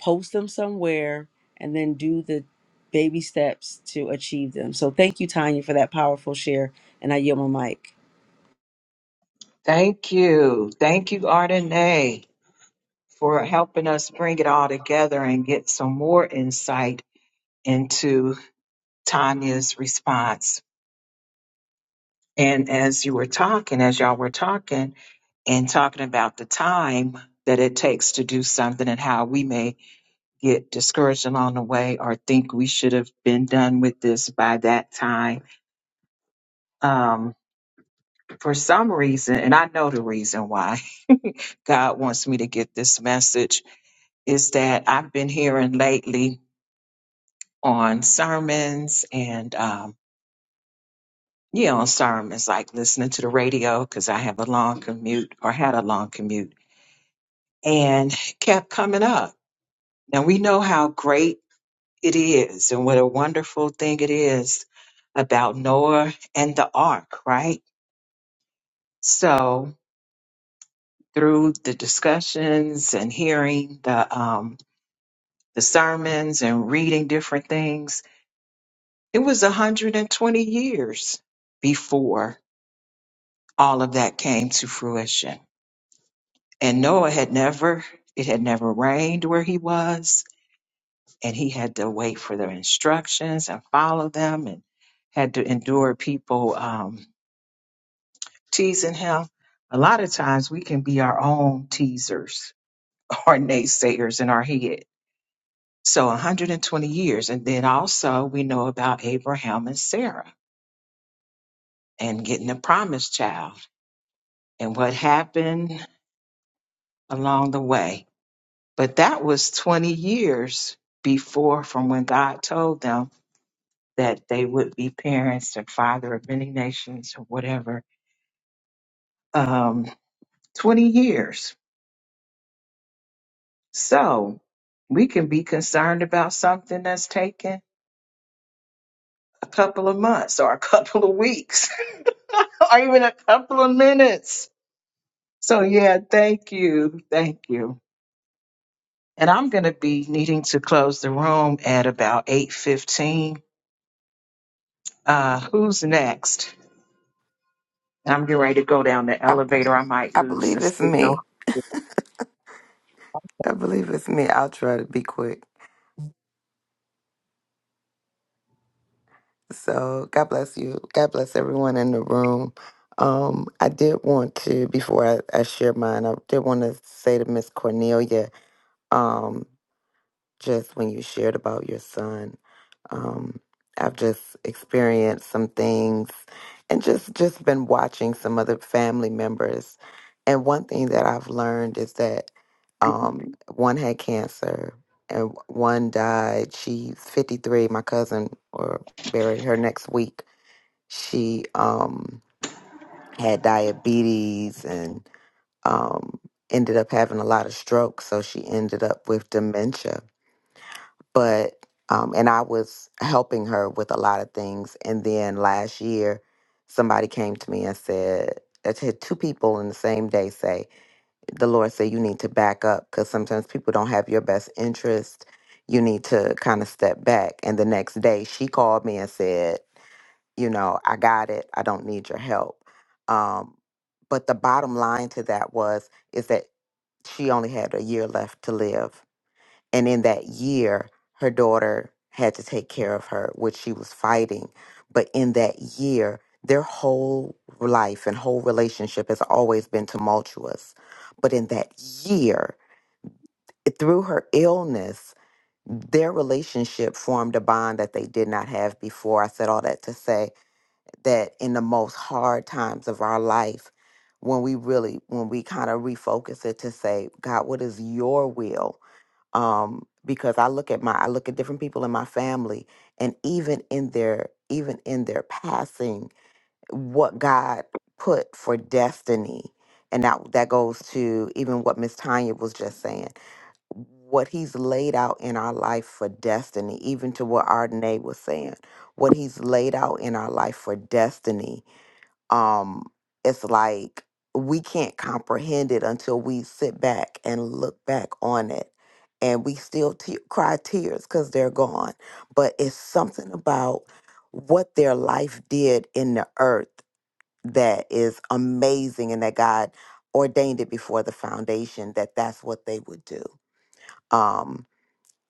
C: post them somewhere and then do the baby steps to achieve them so thank you tanya for that powerful share and i yield my mic
B: Thank you. Thank you, Ardenae, for helping us bring it all together and get some more insight into. Tanya's response. And as you were talking, as y'all were talking and talking about the time that it takes to do something and how we may get discouraged along the way or think we should have been done with this by that time. Um, for some reason, and I know the reason why God wants me to get this message is that I've been hearing lately on sermons and um, Yeah, sorry, it's like listening to the radio because I have a long commute or had a long commute and kept coming up. Now we know how great it is and what a wonderful thing it is about Noah and the ark, right? So through the discussions and hearing the um the sermons and reading different things, it was 120 years before all of that came to fruition. And Noah had never, it had never rained where he was, and he had to wait for their instructions and follow them and had to endure people um, teasing him. A lot of times we can be our own teasers or naysayers in our head. So 120 years. And then also we know about Abraham and Sarah and getting the promised child and what happened along the way But that was 20 years before from when God told them that they would be parents and father of many nations or whatever. Um, 20 years. So we can be concerned about something that's taken a couple of months or a couple of weeks or even a couple of minutes. So, yeah, thank you. Thank you. And I'm going to be needing to close the room at about 8:15. Uh, who's next? I'm getting ready to go down the
E: I
B: elevator. I might
E: I
B: lose the
E: believe it's
B: signal.
E: me. I believe it's me. I'll try to be quick. So God bless you. God bless everyone in the room. Um, I did want to before I, I share mine. I did want to say to Miss Cornelia. Um, just when you shared about your son. Um, I've just experienced some things and just just been watching some other family members. And one thing that I've learned is that um, one had cancer and one died. She's 53. My cousin or buried her next week. She um, had diabetes and um, ended up having a lot of strokes. So she ended up with dementia but um, and I was helping her with a lot of things. And then last year, somebody came to me and said, I had two people in the same day say, the Lord said, you need to back up because sometimes people don't have your best interest. You need to kind of step back. And the next day, she called me and said, you know, I got it. I don't need your help. Um, but the bottom line to that was, is that she only had a year left to live and in that year, her daughter had to take care of her, which she was fighting. But in that year, their whole life and whole relationship has always been tumultuous. But in that year, through her illness, their relationship formed a bond that they did not have before. I said all that to say that in the most hard times of our life, when we really, when we kind of refocus it to say, God, what is your will? um, because I look at my I look at different people in my family, and even in their even in their passing, what God put for destiny, and that that goes to even what Miss Tanya was just saying, what He's laid out in our life for destiny, even to what Ardenae was saying, what He's laid out in our life for destiny um it's like we can't comprehend it until we sit back and look back on it and we still te- cry tears because they're gone but it's something about what their life did in the earth that is amazing and that god ordained it before the foundation that that's what they would do um,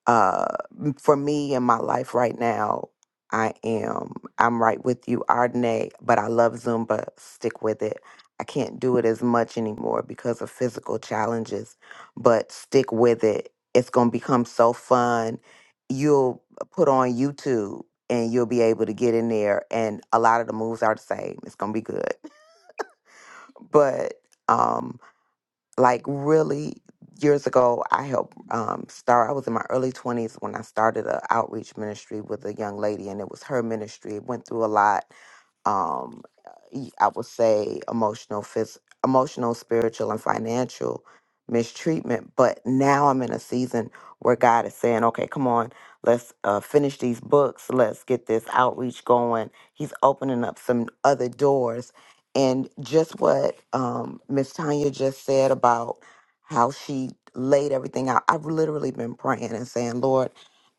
E: uh m- for me in my life right now i am i'm right with you ardenae but i love zumba stick with it i can't do it as much anymore because of physical challenges but stick with it it's going to become so fun you'll put on youtube and you'll be able to get in there and a lot of the moves are the same it's going to be good but um like really years ago i helped um start i was in my early 20s when i started an outreach ministry with a young lady and it was her ministry it went through a lot um y- i would say emotional phys- emotional spiritual and financial mistreatment but now i'm in a season where god is saying okay come on let's uh, finish these books let's get this outreach going he's opening up some other doors and just what um miss tanya just said about how she laid everything out i've literally been praying and saying lord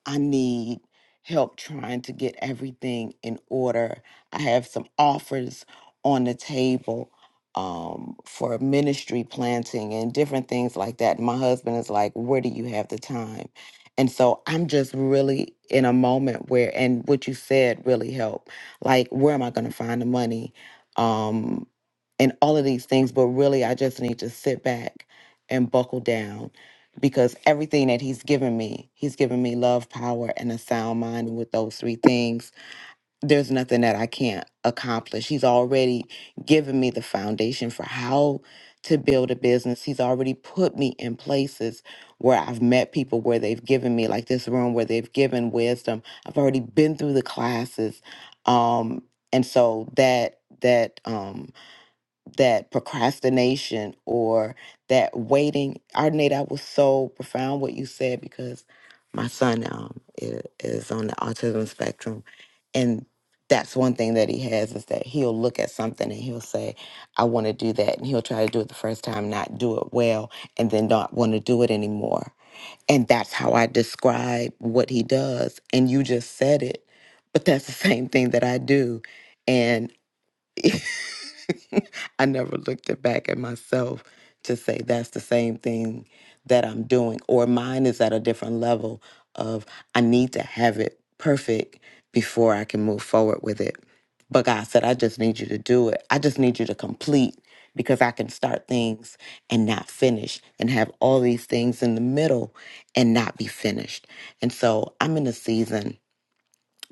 E: i need help trying to get everything in order I have some offers on the table um, for ministry planting and different things like that. My husband is like, Where do you have the time? And so I'm just really in a moment where, and what you said really helped. Like, where am I going to find the money? Um, and all of these things. But really, I just need to sit back and buckle down because everything that he's given me, he's given me love, power, and a sound mind. And with those three things, there's nothing that I can't accomplish. He's already given me the foundation for how to build a business. He's already put me in places where I've met people where they've given me, like this room, where they've given wisdom. I've already been through the classes. Um, and so that, that, um, that procrastination or that waiting. Arnett, I was so profound what you said because my son um, i- is on the autism spectrum. And that's one thing that he has is that he'll look at something and he'll say, I want to do that. And he'll try to do it the first time, not do it well, and then not want to do it anymore. And that's how I describe what he does. And you just said it, but that's the same thing that I do. and. I never looked it back at myself to say that's the same thing that I'm doing, or mine is at a different level of I need to have it perfect before I can move forward with it. But God said, I just need you to do it. I just need you to complete because I can start things and not finish and have all these things in the middle and not be finished. And so I'm in a season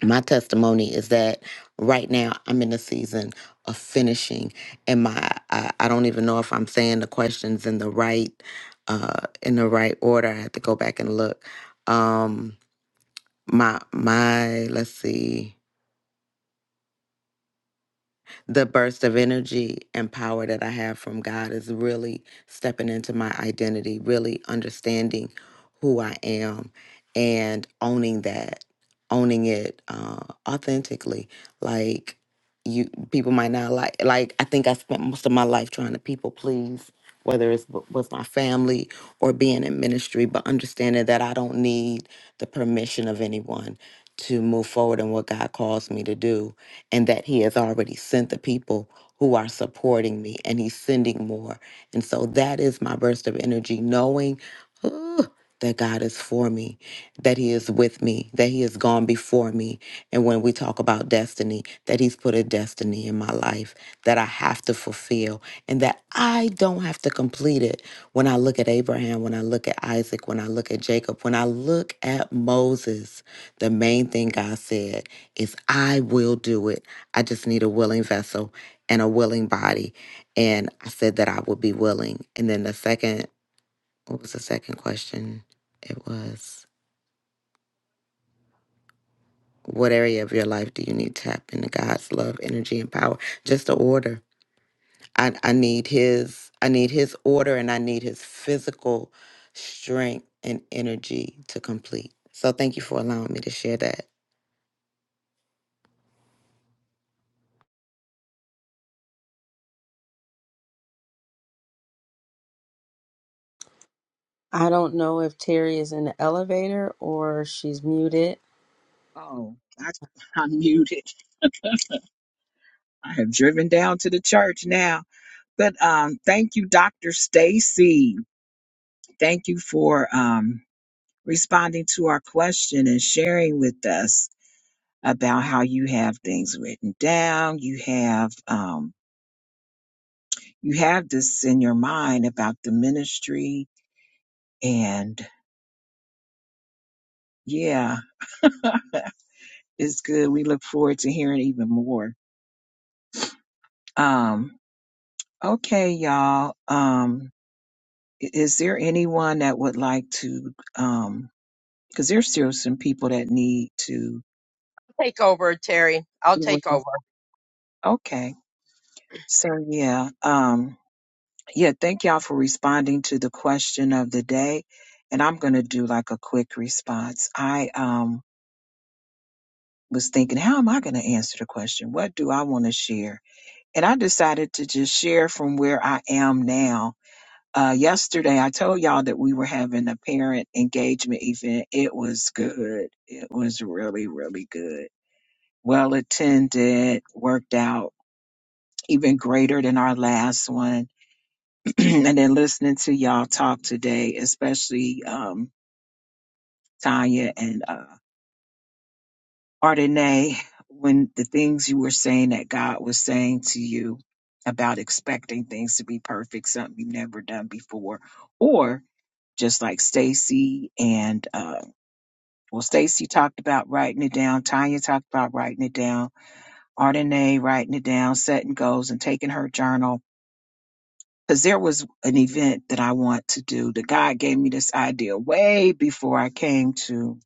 E: my testimony is that right now I'm in a season of finishing, and my I, I don't even know if I'm saying the questions in the right uh, in the right order. I have to go back and look. Um, my my let's see. the burst of energy and power that I have from God is really stepping into my identity, really understanding who I am and owning that, owning it uh, authentically. Like you, people might not like. Like I think I spent most of my life trying to people please, whether it's w- with my family or being in ministry, but understanding that I don't need the permission of anyone to move forward in what God calls me to do and that He has already sent the people who are supporting me, and He's sending more. And so that is my burst of energy, knowing ooh, that God is for me, that He is with me, that He has gone before me. And when we talk about destiny, that He's put a destiny in my life that I have to fulfill, and that I don't have to complete it. When I look at Abraham, when I look at Isaac, when I look at Jacob, when I look at Moses, the main thing God said is I will do it. I just need a willing vessel and a willing body. And I said that I would be willing. And then the second, what was the second question? It was, what area of your life do you need to tap into God's love, energy, and power? Just the order. I, I need his, I need his order and I need his physical strength and energy to complete. So thank you for allowing me to share that.
C: I don't know if Terry is in the elevator or she's muted.
B: Oh, I, I'm muted. I have driven down to the church now. But um, thank you, Dr. Stacy. Thank you for um, responding to our question and sharing with us about how you have things written down. You have. um, you have this in your mind about the ministry and yeah it's good we look forward to hearing even more um okay y'all um i- is there anyone that would like to um because there's still some people that need to
A: Take over, Terry. I'll take over.
B: okay so yeah um yeah thank y'all for responding to the question of the day and i'm going to do like a quick response i um was thinking, how am I going to answer the question? What do I want to share? And I decided to just share from where I am now. Uh, yesterday, I told y'all that we were having a parent engagement event. It was good. It was really, really good. Well attended, worked out even greater than our last one. and then listening to y'all talk today, especially um, Tanya and uh, Ardenae, when the things you were saying that God was saying to you about expecting things to be perfect, something you've never done before, or just like Stacy and uh, well, Stacy talked about writing it down. Tanya talked about writing it down. Ardenae writing it down, setting goals and taking her journal. Because there was an event that I want to do. The God gave me this idea way before I came to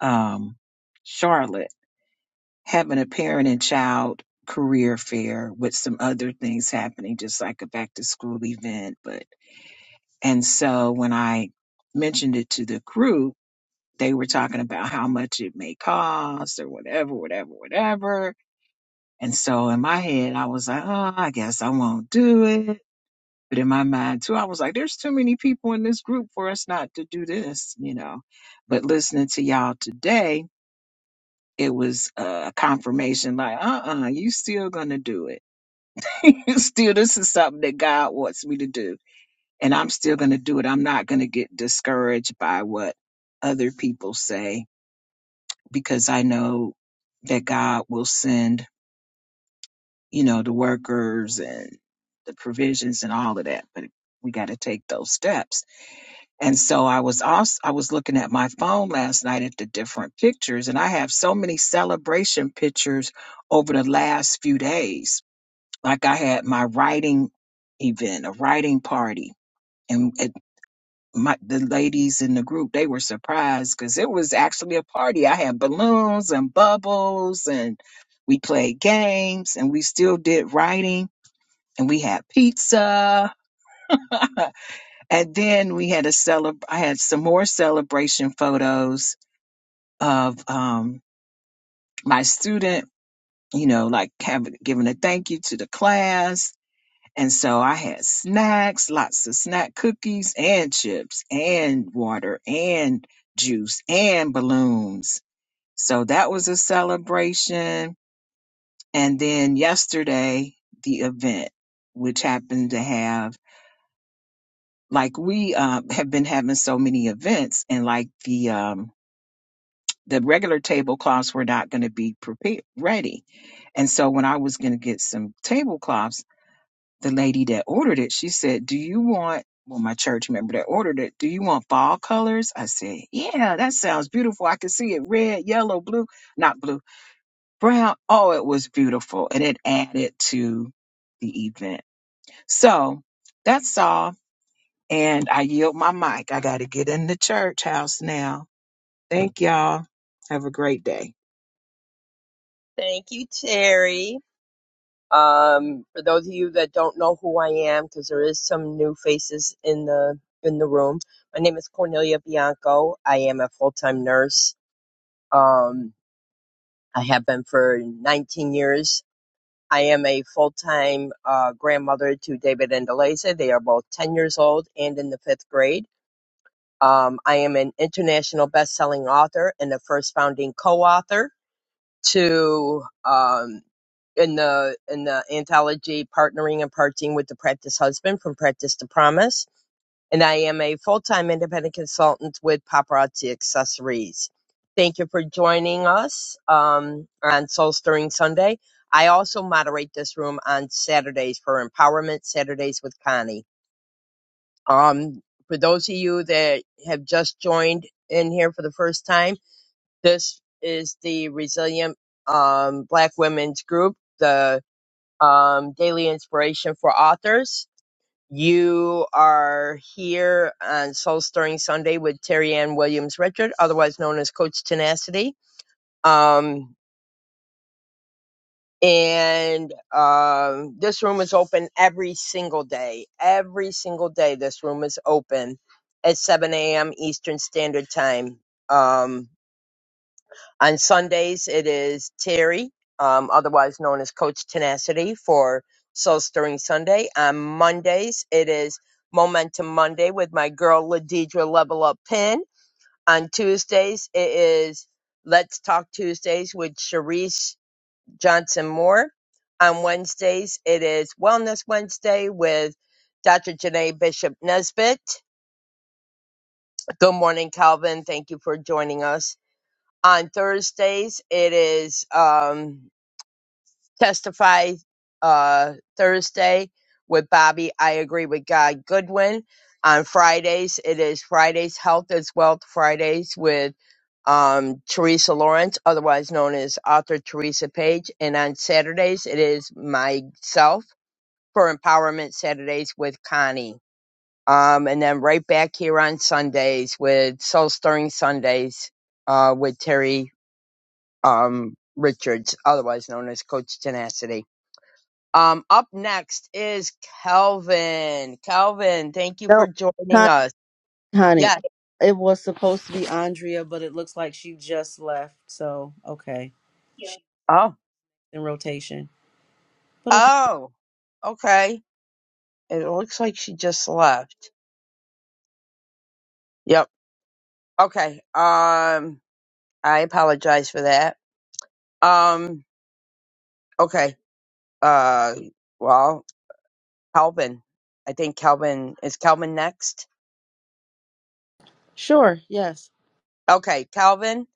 B: um, Charlotte having a parent and child career fair with some other things happening, just like a back to school event. But and so when I mentioned it to the group, they were talking about how much it may cost or whatever, whatever, whatever. And so in my head, I was like, oh, I guess I won't do it. But in my mind too, I was like, there's too many people in this group for us not to do this, you know. But listening to y'all today, it was a confirmation like, uh-uh, you still gonna do it still, this is something that God wants me to do. And I'm still going to do it. I'm not going to get discouraged by what other people say because I know that God will send, you know, the workers and the provisions and all of that. But we got to take those steps. And so I was also, I was looking at my phone last night at the different pictures and I have so many celebration pictures over the last few days like I had my writing event, a writing party, and it, my the ladies in the group they were surprised because it was actually a party. I had balloons and bubbles, and we played games, and we still did writing, and we had pizza, and then we had a celeb. I had some more celebration photos of um, my student. You know, like having giving a thank you to the class And so I had snacks, lots of snack cookies and chips and water and juice and balloons. So that was a celebration. And then yesterday, the event, which happened to have like we uh, have been having so many events and like the um, the regular tablecloths were not going to be prepared ready. And so when I was going to get some tablecloths the lady that ordered it, she said, Do you want, well, my church member that ordered it, do you want fall colors? I said, Yeah, that sounds beautiful. I could see it red, yellow, blue, not blue, brown. Oh, it was beautiful. And it added to the event. So that's all. And I yield my mic. I got to get in the church house now. Thank y'all. Have a great day.
A: Thank you, Terry. Um, for those of you that don't know who I am, because there is some new faces in the in the room. My name is Cornelia Bianco. I am a full time nurse. Um, I have been for 19 years. I am a full time uh, grandmother to David and Eliza. They are both 10 years old and in the fifth grade. Um, I am an international best-selling author and the first founding co-author to um, in the in the anthology partnering and parting with the practice husband from practice to promise and i am a full-time independent consultant with paparazzi accessories thank you for joining us um, on soul stirring sunday i also moderate this room on saturdays for empowerment saturdays with connie um, for those of you that have just joined in here for the first time, this is the Resilient um, Black Women's Group, the um, daily inspiration for authors. You are here on Soul Stirring Sunday with Terry Ann Williams Richard, otherwise known as Coach Tenacity. Um, and um, this room is open every single day. Every single day, this room is open at 7 a.m. Eastern Standard Time. Um, on Sundays, it is Terry, um, otherwise known as Coach Tenacity, for Soul Stirring Sunday. On Mondays, it is Momentum Monday with my girl Ladidra Level Up Pin. On Tuesdays, it is Let's Talk Tuesdays with Sharice Johnson Moore. On Wednesdays, it is Wellness Wednesday with Dr. Janae Bishop Nesbitt. Good morning, Calvin. Thank you for joining us. On Thursdays, it is. Um, testify uh, Thursday with Bobby. I agree with Guy Goodwin. On Fridays, it is Fridays Health is Wealth Fridays with um, Teresa Lawrence, otherwise known as author Teresa Page. And on Saturdays, it is myself for Empowerment Saturdays with Connie. Um, and then right back here on Sundays with Soul Stirring Sundays uh, with Terry um, Richards, otherwise known as Coach Tenacity. Um, up next is Kelvin. Kelvin, thank you
C: no
A: for joining
C: Hon-
A: us.
C: honey
A: Yeah. Thank
C: it was supposed to be andrea but it looks like she just left so okay
A: you.
C: she's
A: Oh.
C: in rotation but okay
A: Oh. Okay. It looks like she just left. Yep. Okay. Um, I apologize for that. Um, okay. Uh, well, Kelvin. I think Kelvin is Kelvin next.
C: sure yes
A: Okay, Kelvin.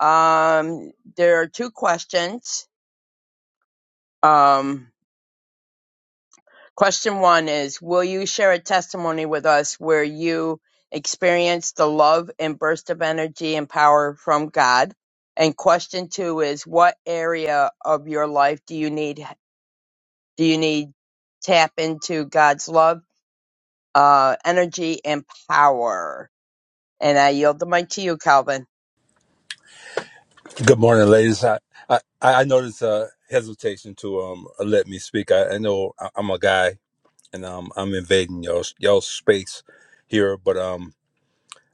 A: Um, there are two questions. Um, Question one is Will you share a testimony with us where you experienced the love and burst of energy and power from God? And question two is What area of your life do you need do you need tap into God's love, uh, energy, and power? And I yield the mic to you, Calvin.
F: Good morning, ladies. I I, I noticed a hesitation to um let me speak. I, I know I- I'm a guy and um I'm invading y'all y'all space here, but um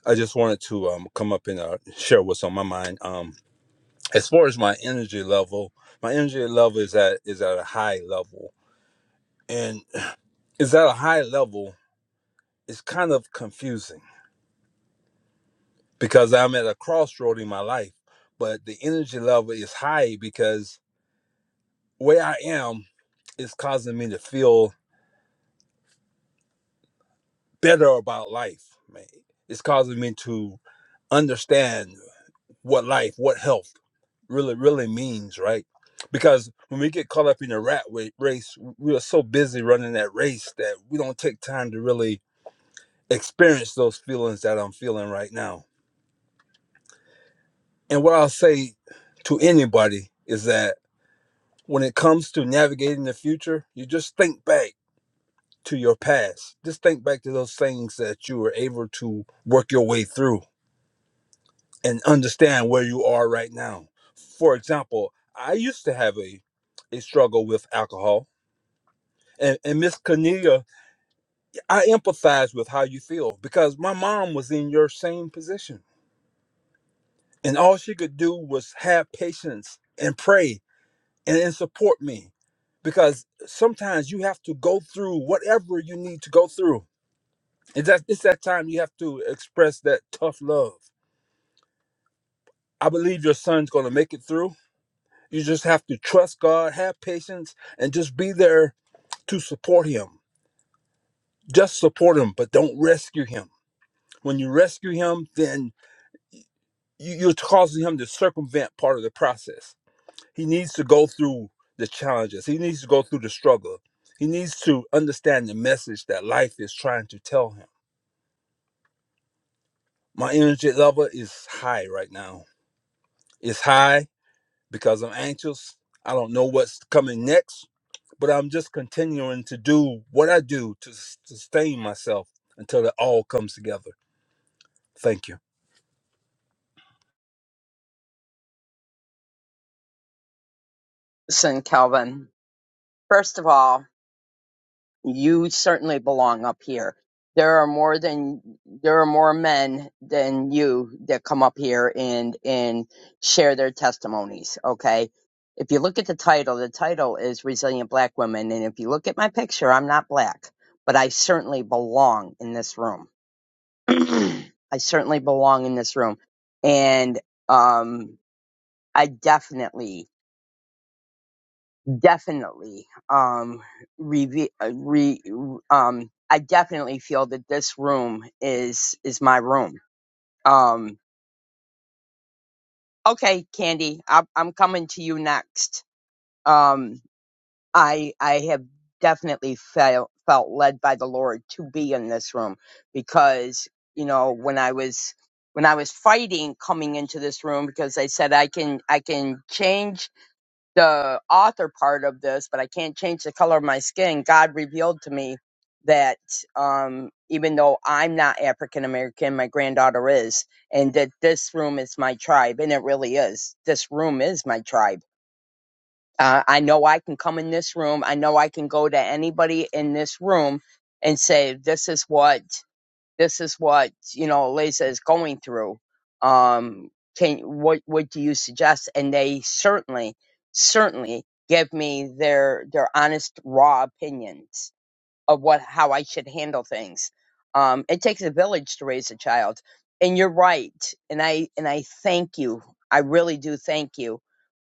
F: I just wanted to um come up and uh, share what's on my mind. Um, as far as my energy level, my energy level is at is at a high level, and is at a high level. It's kind of confusing because I'm at a crossroad in my life, but the energy level is high because where I am is causing me to feel better about life, man. It's causing me to understand what life, what health really, really means, right? Because when we get caught up in the rat wa- race, we are so busy running that race that we don't take time to really experience those feelings that I'm feeling right now. And what I'll say to anybody is that when it comes to navigating the future, you just think back to your past. Just think back to those things that you were able to work your way through and understand where you are right now. For example, I used to have a a struggle with alcohol. And, and Miss Cornelia, I empathize with how you feel because my mom was in your same position. And all she could do was have patience and pray and, and support me because sometimes you have to go through whatever you need to go through It's that it's that time you have to express that tough love. I believe your son's gonna make it through. You just have to trust God, have patience, and just be there to support him. Just support him, but don't rescue him. When you rescue him, then you- you're causing him to circumvent part of the process. He needs to go through the challenges. He needs to go through the struggle. He needs to understand the message that life is trying to tell him. My energy level is high right now. It's high because I'm anxious. I don't know what's coming next, but I'm just continuing to do what I do to s- sustain myself until it all comes together. Thank you.
A: Listen, Calvin. First of all, you certainly belong up here. There are more than there are more men than you that come up here and and share their testimonies. Okay, if you look at the title, the title is Resilient Black Women, and if you look at my picture, I'm not black, but I certainly belong in this room. I certainly belong in this room, and um, I definitely definitely um re, re um I definitely feel that this room is is my room. Um okay, Candy, I I'm coming to you next. Um I I have definitely felt felt led by the Lord to be in this room because you know when I was when I was fighting coming into this room because I said I can I can change the author part of this, but I can't change the color of my skin. God revealed to me that um, even though I'm not African American, my granddaughter is, and that this room is my tribe, and it really is. This room is my tribe. Uh, I know I can come in this room. I know I can go to anybody in this room and say, "This is what." this is what you know Eliza is going through. Um, can what what do you suggest? And they certainly certainly give me their their honest raw opinions of what how I should handle things. Um, it takes a village to raise a child, and you're right. And I and I thank you. I really do thank you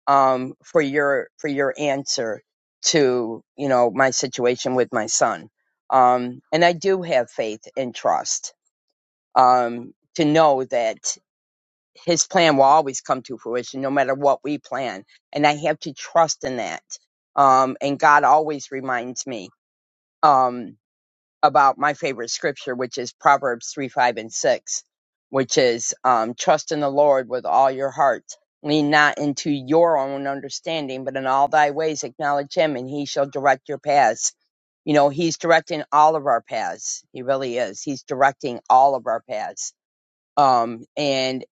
A: um, for your for your answer to you know my situation with my son. Um, and I do have faith and trust um, to know that his plan will always come to fruition no matter what we plan. And I have to trust in that. Um, and God always reminds me um, about my favorite scripture, which is Proverbs 3, 5, and 6, which is um, trust in the Lord with all your heart. Lean not into your own understanding, but in all thy ways acknowledge him, and he shall direct your paths. You know, he's directing all of our paths. He really is. He's directing all of our paths um and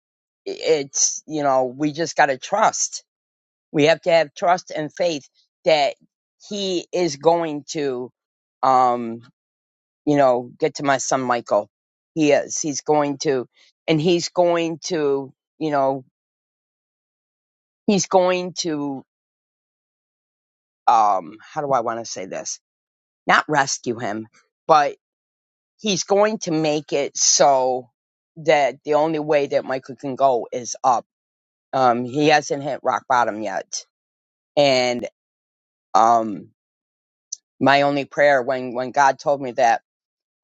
A: it's you know we just got to trust we have to have trust and faith that he is going to um you know get to my son michael he is he's going to and he's going to you know he's going to um how do i want to say this not rescue him but he's going to make it so that the only way that michael can go is up um he hasn't hit rock bottom yet and um my only prayer when when god told me that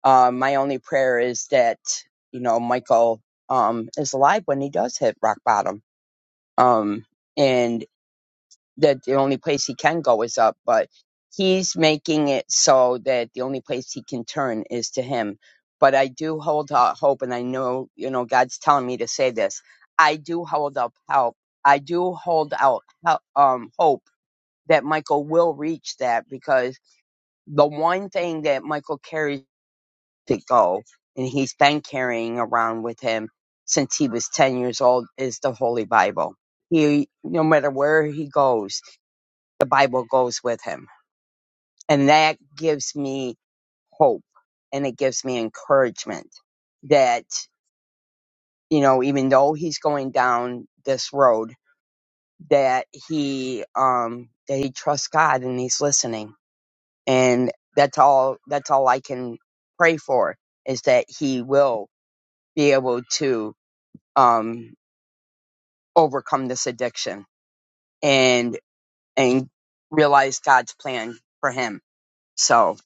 A: um my only prayer is that you know michael um is alive when he does hit rock bottom um and that the only place he can go is up but he's making it so that the only place he can turn is to him but i do hold out hope and i know you know god's telling me to say this i do hold up help i do hold out hel- um hope that michael will reach that because the one thing that Michael carries to go, and he's been carrying around with him since he was 10 years old, is the Holy Bible. He, no matter where he goes, the Bible goes with him. And that gives me hope and it gives me encouragement that, you know, even though he's going down this road, that he, um, that he trusts God and he's listening and that's all that's all I can pray for is that he will be able to um overcome this addiction and and realize God's plan for him. So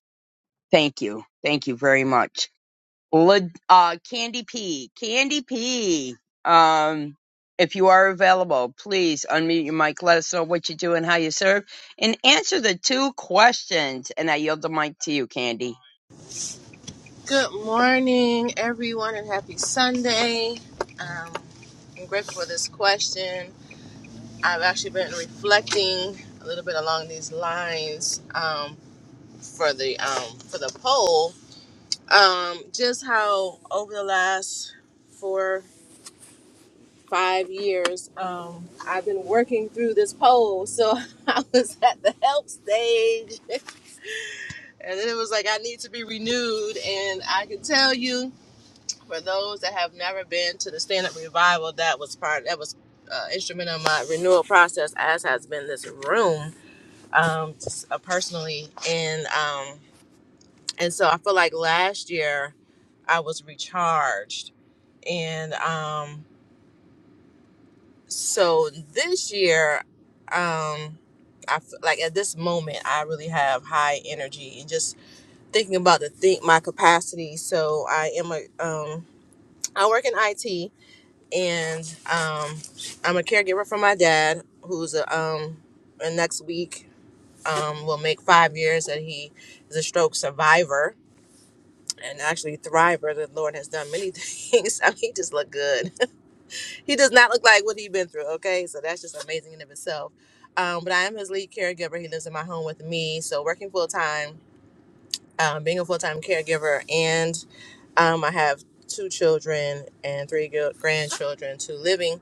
A: thank you. Thank you very much. Lid- Uh, Candy P. Candy P. Um, if you are available, please unmute your mic. Let us know what you do and how you serve, and answer the two questions. And I yield the mic to you, Candy.
G: Good morning, everyone, and happy Sunday. Um, I'm grateful for this question. I've actually been reflecting a little bit along these lines um, for the um, for the poll. Um, just how over the last four five years, um, I've been working through this poll. So I was at the help stage, and then it was like I need to be renewed, and I can tell you. For those that have never been to the stand up revival, that was part that was uh, instrumental in my renewal process, as has been this room um, just, uh, personally, and um, and so I feel like last year I was recharged, and um, so this year. Um, I feel like at this moment I really have high energy and just thinking about the think my capacity. So I am a um I work in IT and um, I'm a caregiver for my dad, who's a, um, and next week um, will make five years that he is a stroke survivor and actually thriver. The Lord has done many things. I mean, he just looked good. he does not look like what he's been through. Okay, so that's just amazing in and of itself. Um, but I am his lead caregiver. He lives in my home with me, so working full time, um, being a full time caregiver, and um, I have two children and three gr- grandchildren, two living.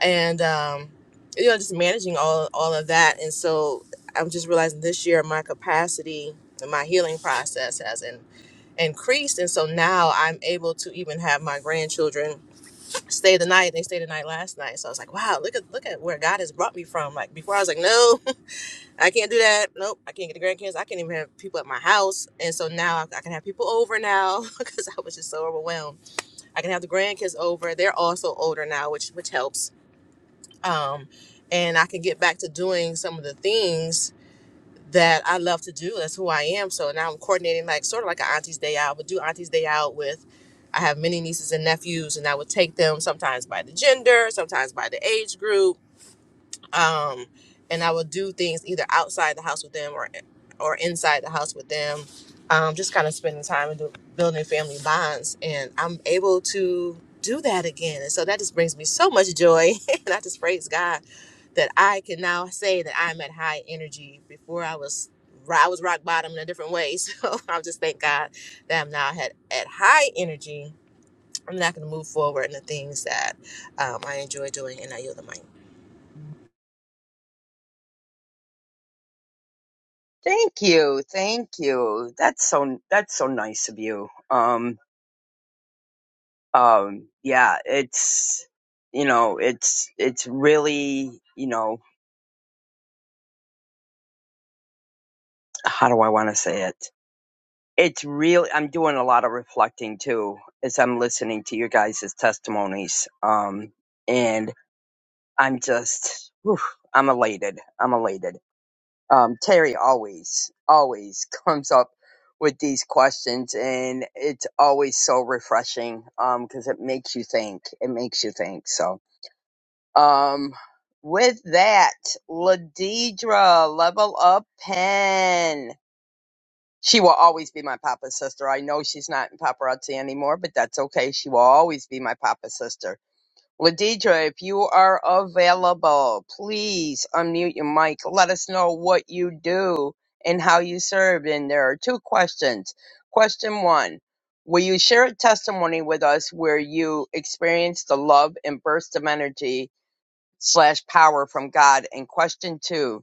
G: and um, you know just managing all all of that and so i'm just realizing this year my capacity and my healing process has in, increased and so now i'm able to even have my grandchildren stay the night they stayed the night last night so i was like wow look at look at where god has brought me from like before i was like no i can't do that nope i can't get the grandkids i can't even have people at my house and so now i, I can have people over now because i was just so overwhelmed i can have the grandkids over they're also older now which which helps um, and I can get back to doing some of the things that I love to do. That's who I am. So now I'm coordinating like sort of like an auntie's day out. I would do auntie's day out with. I have many nieces and nephews, and I would take them sometimes by the gender, sometimes by the age group um, and I would do things either outside the house with them or or inside the house with them. Um, just kind of spending time and do, building family bonds, and I'm able to do that again. And so that just brings me so much joy, and I just praise God that I can now say that I'm at high energy. Before I was ro- I was rock bottom in a different way, so I just thank God that I'm now at at high energy. I'm not going to move forward in the things that um, I enjoy doing, and I yield the mic.
A: Thank you. Thank you. That's so that's so nice of you. Um um yeah, it's you know, it's it's really, you know, how do I want to say it? It's real I'm doing a lot of reflecting too as I'm listening to your guys' testimonies. Um and I'm just whew, I'm elated. I'm elated. um, Terry always, always comes up with these questions, and it's always so refreshing because it makes you think. It makes you think. So, um, with that, Ladidra, level up pen. She will always be my papa's sister. I know she's not in paparazzi anymore, but that's okay. She will always be my papa's sister Ladidra, if you are available, please unmute your mic. Let us know what you do and how you serve. And there are two questions. Question one Will you share a testimony with us where you experienced the love and burst of energy slash power from God? And question two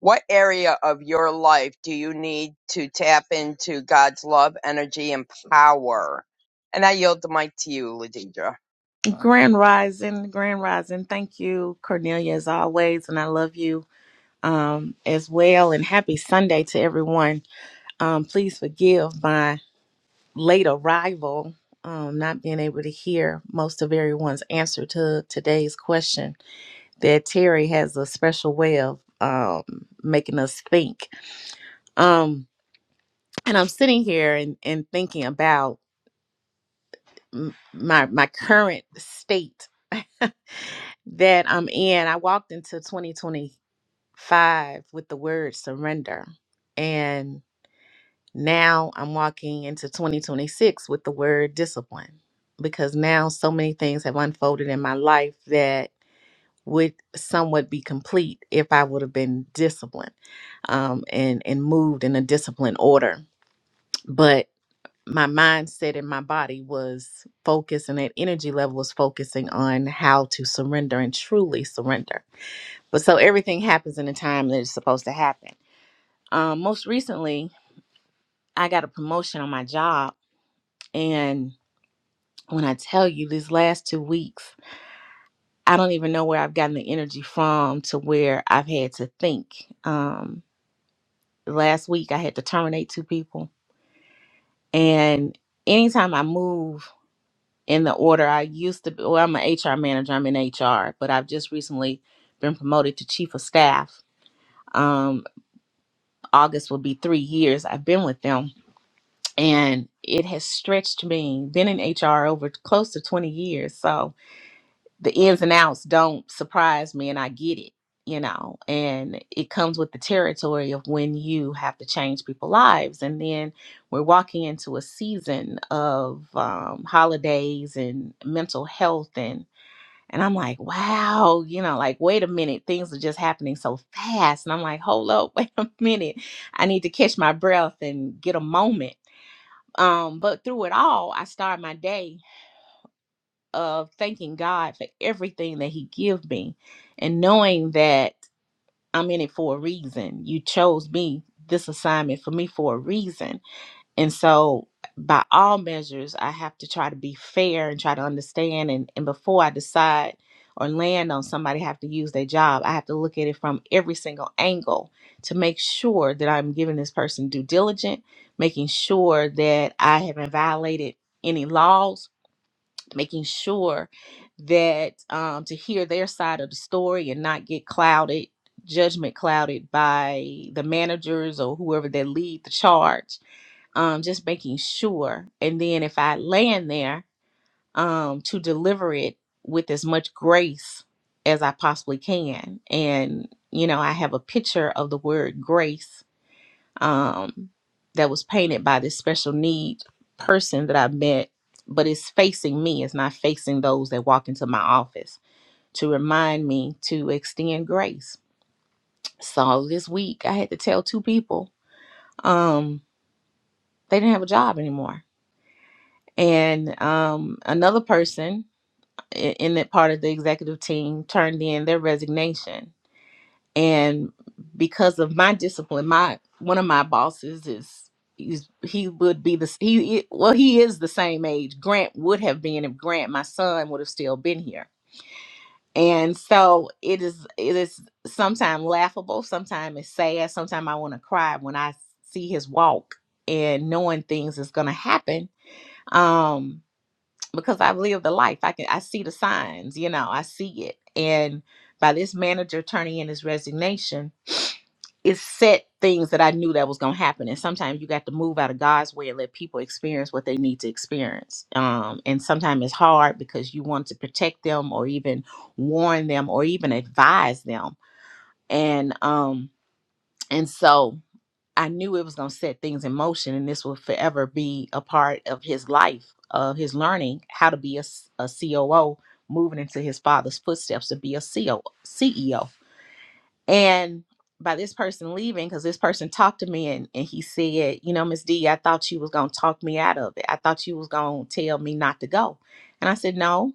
A: What area of your life do you need to tap into God's love, energy, and power? And I yield the mic to you, Ladidra.
H: Grand Rising, Grand Rising. Thank you, Cornelia, as always, and I love you um, as well. And happy Sunday to everyone. Um, please forgive my late arrival, um, not being able to hear most of everyone's answer to today's question. That Terry has a special way of um, making us think. Um, and I'm sitting here and, and thinking about m- my my current state that I'm in, I walked into 2025 with the word surrender. And now I'm walking into 2026 with the word discipline because now so many things have unfolded in my life that would somewhat be complete if I would have been disciplined um, and, and moved in a disciplined order. But my mindset and my body was focused, and that energy level was focusing on how to surrender and truly surrender but so everything happens in the time that it's supposed to happen. Um, most recently, I got a promotion on my job. And when I tell you these last two weeks, I don't even know where I've gotten the energy from to where I've had to think. Um, last week, I had to terminate two people. And anytime I move in the order I used to be, well, I'm an HR manager, I'm in HR, but I've just recently been promoted to chief of staff. Um, August will be three years I've been with them and it has stretched me been in hr over close to 20 years so the ins and outs don't surprise me and i get it you know and it comes with the territory of when you have to change people's lives and then we're walking into a season of um, holidays and mental health and and i'm like wow you know like wait a minute things are just happening so fast and i'm like hold up wait a minute i need to catch my breath and get a moment um, but through it all, I start my day of thanking God for everything that He give me, and knowing that I'm in it for a reason. You chose me this assignment for me for a reason and so, by all measures, I have to try to be fair and try to understand. And, and before I decide or land on somebody have to use their job, I have to look at it from every single angle to make sure that I'm giving this person due diligence, making sure that I haven't violated any laws, making sure that um, to hear their side of the story and not get clouded, judgment clouded by the managers or whoever that lead the charge um, just making sure. And then if I land there, um, to deliver it with as much grace as I possibly can. And, you know, I have a picture of the word grace um, that was painted by this special need person that I met, but it's facing me, it's not facing those that walk into my office to remind me to extend grace. So this week I had to tell two people um, they didn't have a job anymore And um, another person i- in that part of the executive team turned in their resignation. And because of my discipline, my one of my bosses is he's, he would be the he he- well he is the same age Grant would have been if Grant my son would have still been here. And so it is it is sometimes laughable, sometimes it's sad, sometimes I want to cry when I see his walk and knowing things is going to happen. Um because I've lived the life. I can I see the signs, you know, I see it. And by this manager turning in his resignation, it set things that I knew that was gonna happen. And sometimes you got to move out of God's way and let people experience what they need to experience. Um, and sometimes it's hard because you want to protect them or even warn them or even advise them. And um and so I knew it was going to set things in motion, and this will forever be a part of his life, of his learning how to be a, s- a COO, moving into his father's footsteps to be a CEO. And by this person leaving, because this person talked to me and, and he said, You know, Miss D, I thought you was going to talk me out of it. I thought you was going to tell me not to go. And I said, No.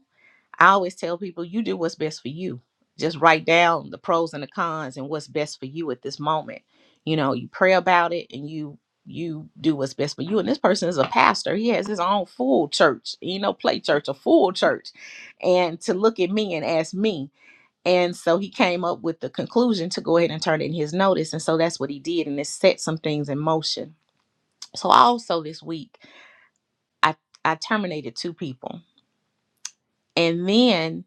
H: I always tell people you do what's best for you. Just write down the pros and the cons and what's best for you at this moment. You know, you pray about it and you you do what's best for you. And this person is a pastor. He has his own full church, you know, play church, a full church. And to look at me and ask me. And so he came up with the conclusion to go ahead and turn in his notice. And so that's what he did. And it set some things in motion. So also this week, I, I terminated two people and then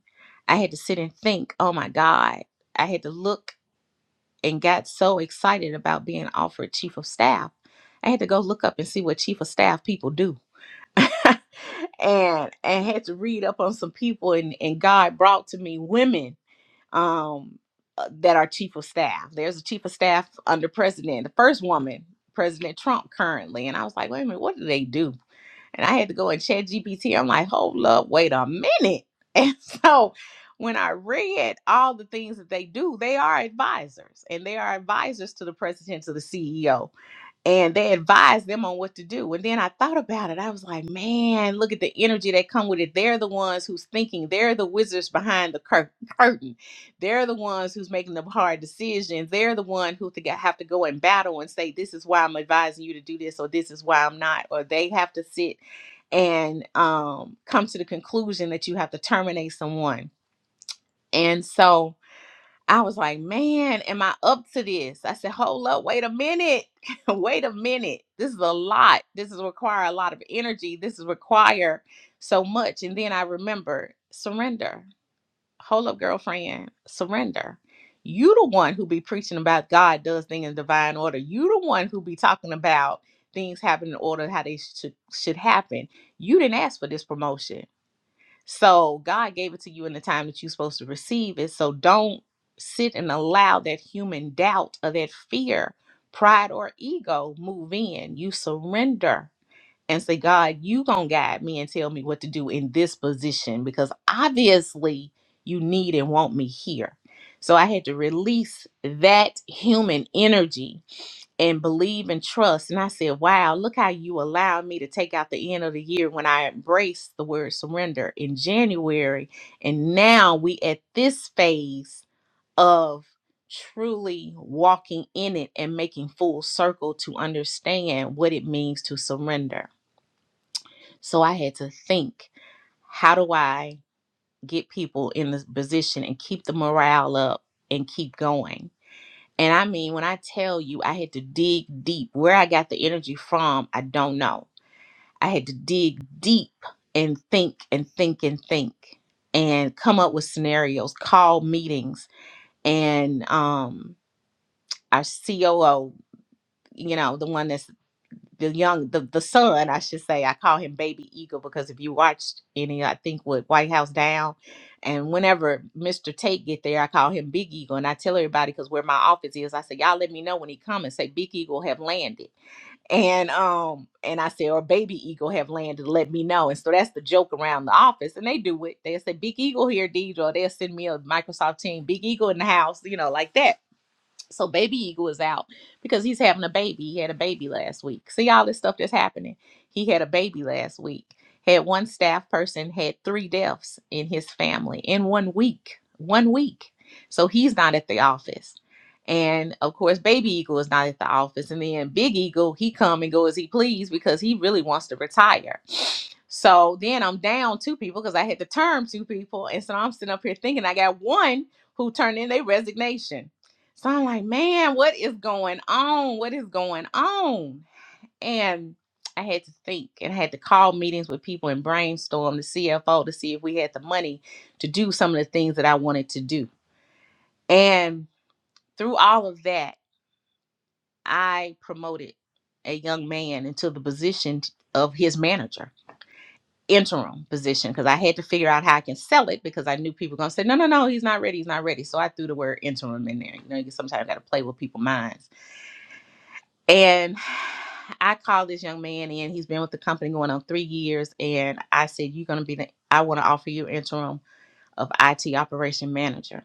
H: I had to sit and think, oh my God. I had to look and got so excited about being offered chief of staff. I had to go look up and see what chief of staff people do. and and had to read up on some people and, and God brought to me women um uh, that are chief of staff. There's a chief of staff under president, the first woman, President Trump currently. And I was like, wait a minute, what do they do? And I had to go and chat GPT. I'm like, hold up, wait a minute. And so when I read all the things that they do, they are advisors and they are advisors to the president, to the CEO and they advised them on what to do. And then I thought about it. I was like, man, look at the energy that come with it. They're the ones who's thinking. They're the wizards behind the cur- curtain. They're the ones who's making the hard decisions. They're the one who think I have to go and battle and say, this is why I'm advising you to do this, or this is why I'm not. Or they have to sit and um, come to the conclusion that you have to terminate someone. And so I was like, man, am I up to this? I said, hold up, wait a minute. wait a minute. This is a lot. This is require a lot of energy. This is require so much. And then I remember surrender. Hold up, girlfriend, surrender. You the one who be preaching about God does things in divine order. You the one who be talking about things happen in order how they should should happen. You didn't ask for this promotion so God gave it to you in the time that you're supposed to receive it. So don't sit and allow that human doubt or that fear, pride, or ego move in. You surrender and say, God, you gonna guide me and tell me what to do in this position because obviously you need and want me here. So I had to release that human energy and believe and trust. And I said, wow, look how you allowed me to take out the end of the year when I embraced the word surrender in January. And now we at this phase of truly walking in it and making full circle to understand what it means to surrender. So I had to think, how do I get people in this position and keep the morale up and keep going? And I mean, when I tell you I had to dig deep, where I got the energy from, I don't know. I had to dig deep and think and think and think and come up with scenarios, call meetings, and um, our COO, you know, the one that's the young the, the son i should say i call him baby eagle because if you watched any i think with white house down and whenever mr tate get there i call him big eagle and i tell everybody because where my office is i say y'all let me know when he come and say big eagle have landed and um and i say or baby eagle have landed let me know and so that's the joke around the office and they do it they'll say big eagle here deidre or they'll send me a microsoft team big eagle in the house you know like that so baby eagle is out because he's having a baby. He had a baby last week. See all this stuff that's happening. He had a baby last week. Had one staff person had three deaths in his family in one week. One week. So he's not at the office. And of course, baby eagle is not at the office. And then big eagle, he come and go as he please because he really wants to retire. So then I'm down two people because I had to term two people. And so I'm sitting up here thinking I got one who turned in their resignation so I'm like, man, what is going on? What is going on? And I had to think and I had to call meetings with people and brainstorm the CFO to see if we had the money to do some of the things that I wanted to do. And through all of that, I promoted a young man into the position of his manager, interim position, because I had to figure out how I can sell it because I knew people were going to say, no, no, no, he's not ready. He's not ready. So I threw the word interim in there. You know, you sometimes got to play with people's minds. And I called this young man in. He's been with the company going on three years. And I said, You're going to be the, I want to offer you interim of IT operation manager.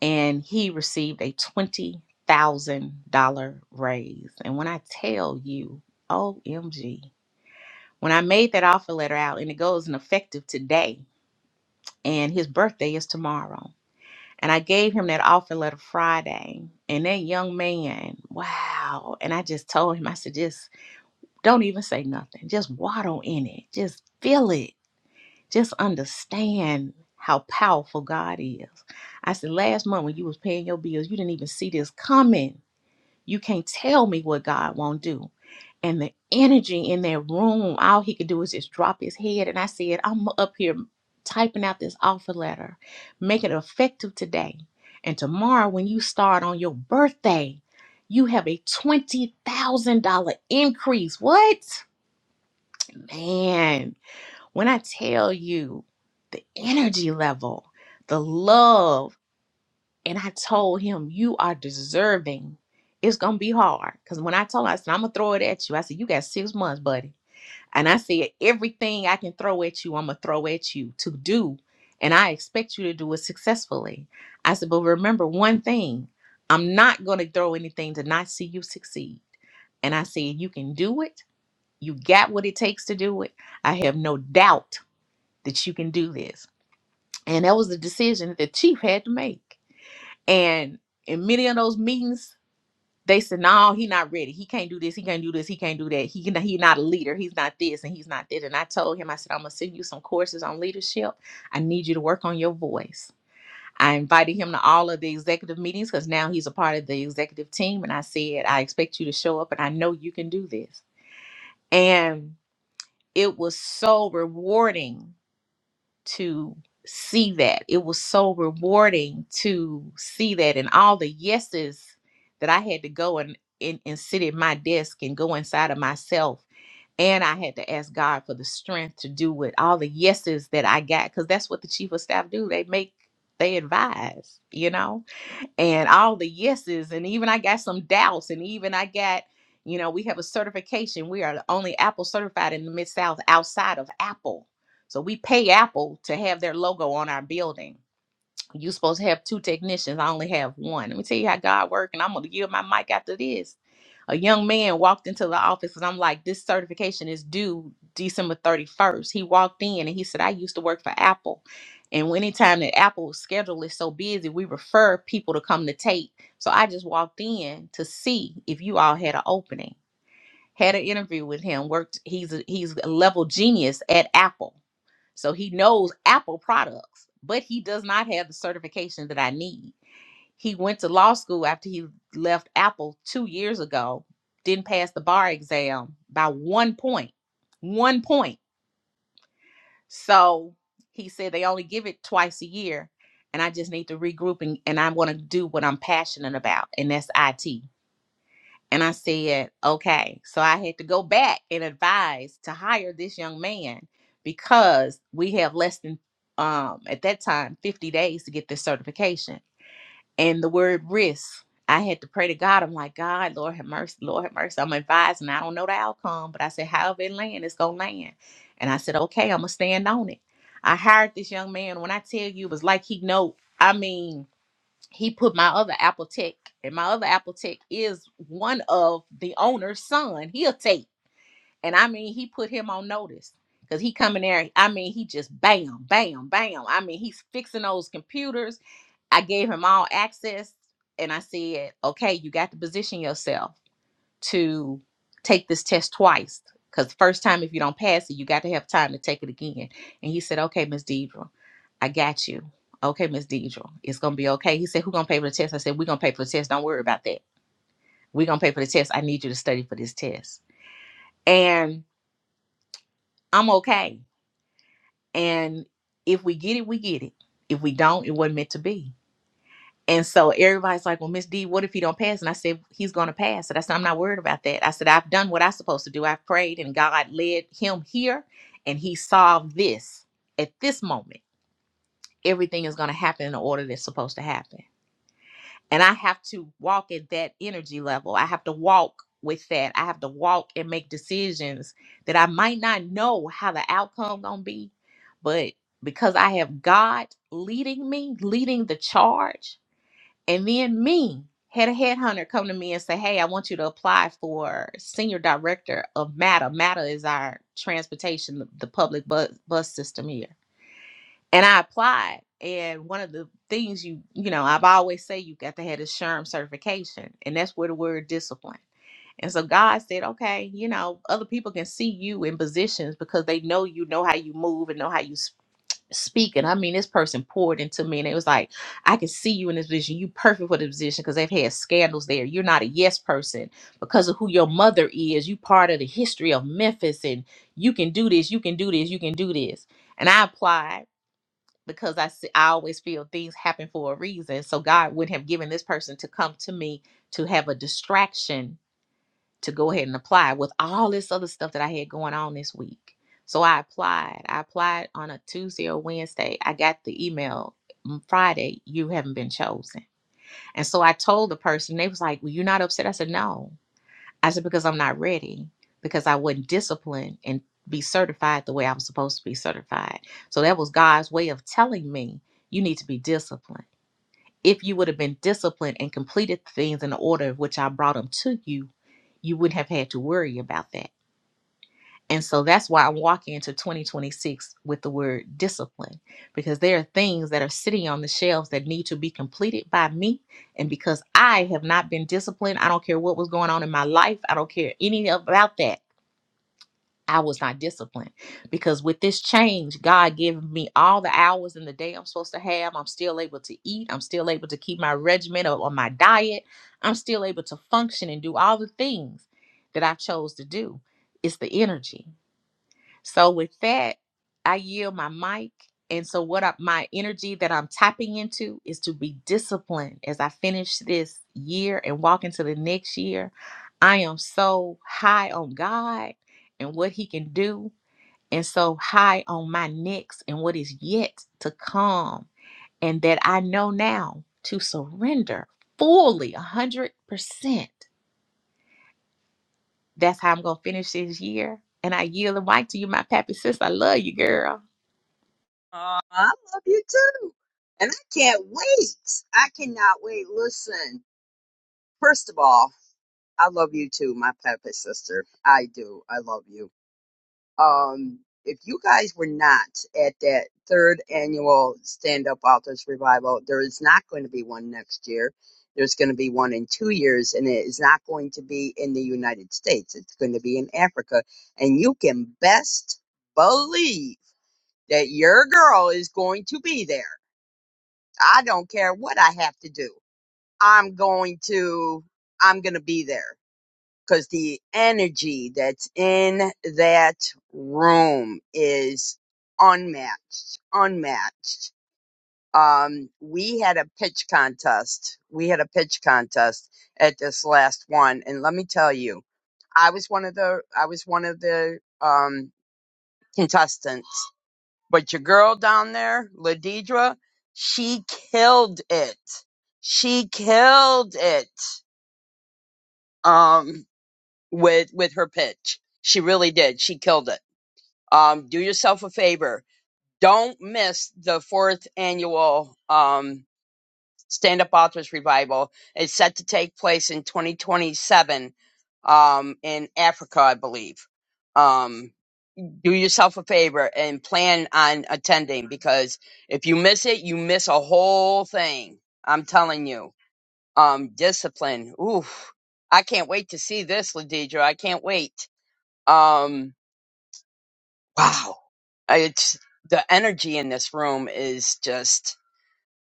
H: And he received a $20,000 raise. And when I tell you, OMG, when I made that offer letter out and it goes in effective today, and his birthday is tomorrow. And I gave him that offer letter Friday. And that young man, wow. And I just told him, I said, just Don't even say nothing. Just waddle in it. Just feel it. Just understand how powerful God is. I said last month when you was paying your bills, you didn't even see this coming. You can't tell me what God won't do. And the energy in that room, all he could do is just drop his head. And I said, I'm up here typing out this offer letter. Make it effective today. And tomorrow when you start on your birthday, you have a $20,000 increase. What? Man, when I tell you the energy level, the love, and I told him, you are deserving. It's gonna be hard. Cause when I told him, I said, I'm gonna throw it at you. I said, You got six months, buddy. And I said, everything I can throw at you, I'm gonna throw at you to do. And I expect you to do it successfully. I said, but remember one thing, I'm not gonna throw anything to not see you succeed. And I said, you can do it you got what it takes to do it. I have no doubt that you can do this. And that was the decision that the chief had to make. And in many of those meetings, they said, "No, he not ready. He can't do this. He can't do this. He can't do that. He he not a leader. He's not this and he's not that." And I told him, I said, "I'm gonna send you some courses on leadership. I need you to work on your voice." I invited him to all of the executive meetings because now he's a part of the executive team. And I said, "I expect you to show up, and I know you can do this." And it was so rewarding to see that. It was so rewarding to see that and all the yeses that I had to go and, and, and sit at my desk and go inside of myself. And I had to ask God for the strength to do it. All the yeses that I got, because that's what the chief of staff do. They make, they advise, you know? and all the yeses and even i got some doubts and even i got you know we have a certification we are the only apple certified in the mid-south outside of apple so we pay apple to have their logo on our building you supposed to have two technicians i only have one let me tell you how god work and i'm gonna give my mic after this a young man walked into the office and I'm like, this certification is due December 31st. He walked in and he said, I used to work for Apple. And when anytime that Apple's schedule is so busy, we refer people to come to tape. So I just walked in to see if you all had an opening. Had an interview with him. Worked. He's a, he's a level genius at Apple, so he knows Apple products, but he does not have the certification that I need. He went to law school after he left Apple two years ago, didn't pass the bar exam by one point, one point. point. So he said they only give it twice a year. And I just need to regroup and, and I want to do what I'm passionate about, and that's IT. And I said, okay. So I had to go back and advise to hire this young man because we have less than um at that time 50 days to get this certification and the word risk. I had to pray to God. I'm like, God, Lord have mercy, Lord have mercy. I'm advising. I don't know the outcome, but I said, however it land, it's gonna land. And I said, okay, I'm gonna stand on it. I hired this young man. When I tell you, it was like he know. I mean, he put my other Apple Tech, and my other Apple Tech is one of the owner's son. He'll take, and I mean, he put him on notice. Cause he come in there, I mean, he just bam, bam, bam. I mean, he's fixing those computers. I gave him all access and I said, okay, you got to position yourself to take this test twice. Because the first time, if you don't pass it, you got to have time to take it again. And he said, okay, Miss Deidre, I got you. Okay, Miss Deidre, it's going to be okay. He said, who going to pay for the test? I said, we're going to pay for the test. Don't worry about that. We're going to pay for the test. I need you to study for this test. And I'm okay. And if we get it, we get it. If we don't, it wasn't meant to be And so everybody's like, "Well, Miss D, what if he don't pass?" And I said, "He's going to pass." And I said, "I'm not worried about that." I said, "I've done what I'm supposed to do. I've prayed, and God led him here, and He solved this at this moment. Everything is going to happen in the order that's supposed to happen." And I have to walk at that energy level. I have to walk with that. I have to walk and make decisions that I might not know how the outcome gonna be, but because I have God leading me, leading the charge and then me had a headhunter come to me and say, Hey, I want you to apply for senior director of MATA. MATA is our transportation, the the public bus, bus system here. And I applied. And one of the things you, you know, I've always say you got to have the SHRM certification. And that's where the word discipline. And so God said, okay, you know, other people can see you in positions because they know you know how you move and know how you speak speaking. I mean, this person poured into me, and it was like, I can see you in this position. You perfect for the position because they've had scandals there. You're not a yes person because of who your mother is. You part of the history of Memphis, and you can do this. You can do this. You can do this. And I applied because I see, I always feel things happen for a reason. So God wouldn't have given this person to come to me to have a distraction to go ahead and apply with all this other stuff that I had going on this week. So I applied. I applied on a Tuesday or Wednesday. I got the email "Mm, Friday, you haven't been chosen. And so I told the person, they was like, Well, you're not upset. I said, No. I said, because I'm not ready, because I wasn't disciplined and be certified the way I was supposed to be certified. So that was God's way of telling me you need to be disciplined. If you would have been disciplined and completed things in the order of which I brought them to you, you wouldn't have had to worry about that. And so that's why I'm walking into 2026 with the word discipline, because there are things that are sitting on the shelves that need to be completed by me. And because I have not been disciplined, I don't care what was going on in my life, I don't care any about that. I was not disciplined because with this change, God gave me all the hours in the day I'm supposed to have. I'm still able to eat. I'm still able to keep my regimen or, or my diet. I'm still able to function and do all the things that I chose to do. It's the energy. So with that, I yield my mic. And so what I, my energy that I'm tapping into is to be disciplined as I finish this year and walk into the next year. I am so high on God and what he can do and so high on my next and what is yet to come and that I know now to surrender fully 100%. That's how I'm going to finish this year. And I yield the mic to you, my pappy sis. I love you, girl.
A: Aw, I love you too. And I can't wait. I cannot wait. Listen, first of all, I love you too, my puppet sister. I do. I love you. Um, if you guys were not at that third annual Stand Up Authors Revival, there is not going to be one next year. There's going to be one in two years, and it is not going to be in the United States. It's going to be in Africa. And you can best believe that your girl is going to be there I don't care what I have to do. I'm going to, I'm going to be there because the energy that's in that room is unmatched, unmatched. Um, we had a pitch contest. We had a pitch contest at this last one. And let me tell you, I was one of the, I was one of the, um, contestants but your girl down there, Ladidra, she killed it. She killed it. Um, with with her pitch, she really did. She killed it. Um, do yourself a favor. Don't miss the fourth annual um stand up authors revival. It's set to take place in 2027 um in Africa, I believe. Um, do yourself a favor and plan on attending because if you miss it, you miss a whole thing. I'm telling you. Um, discipline. Oof. I can't wait to see this, Ladidra. I can't wait. Um, wow. It's the energy in this room is just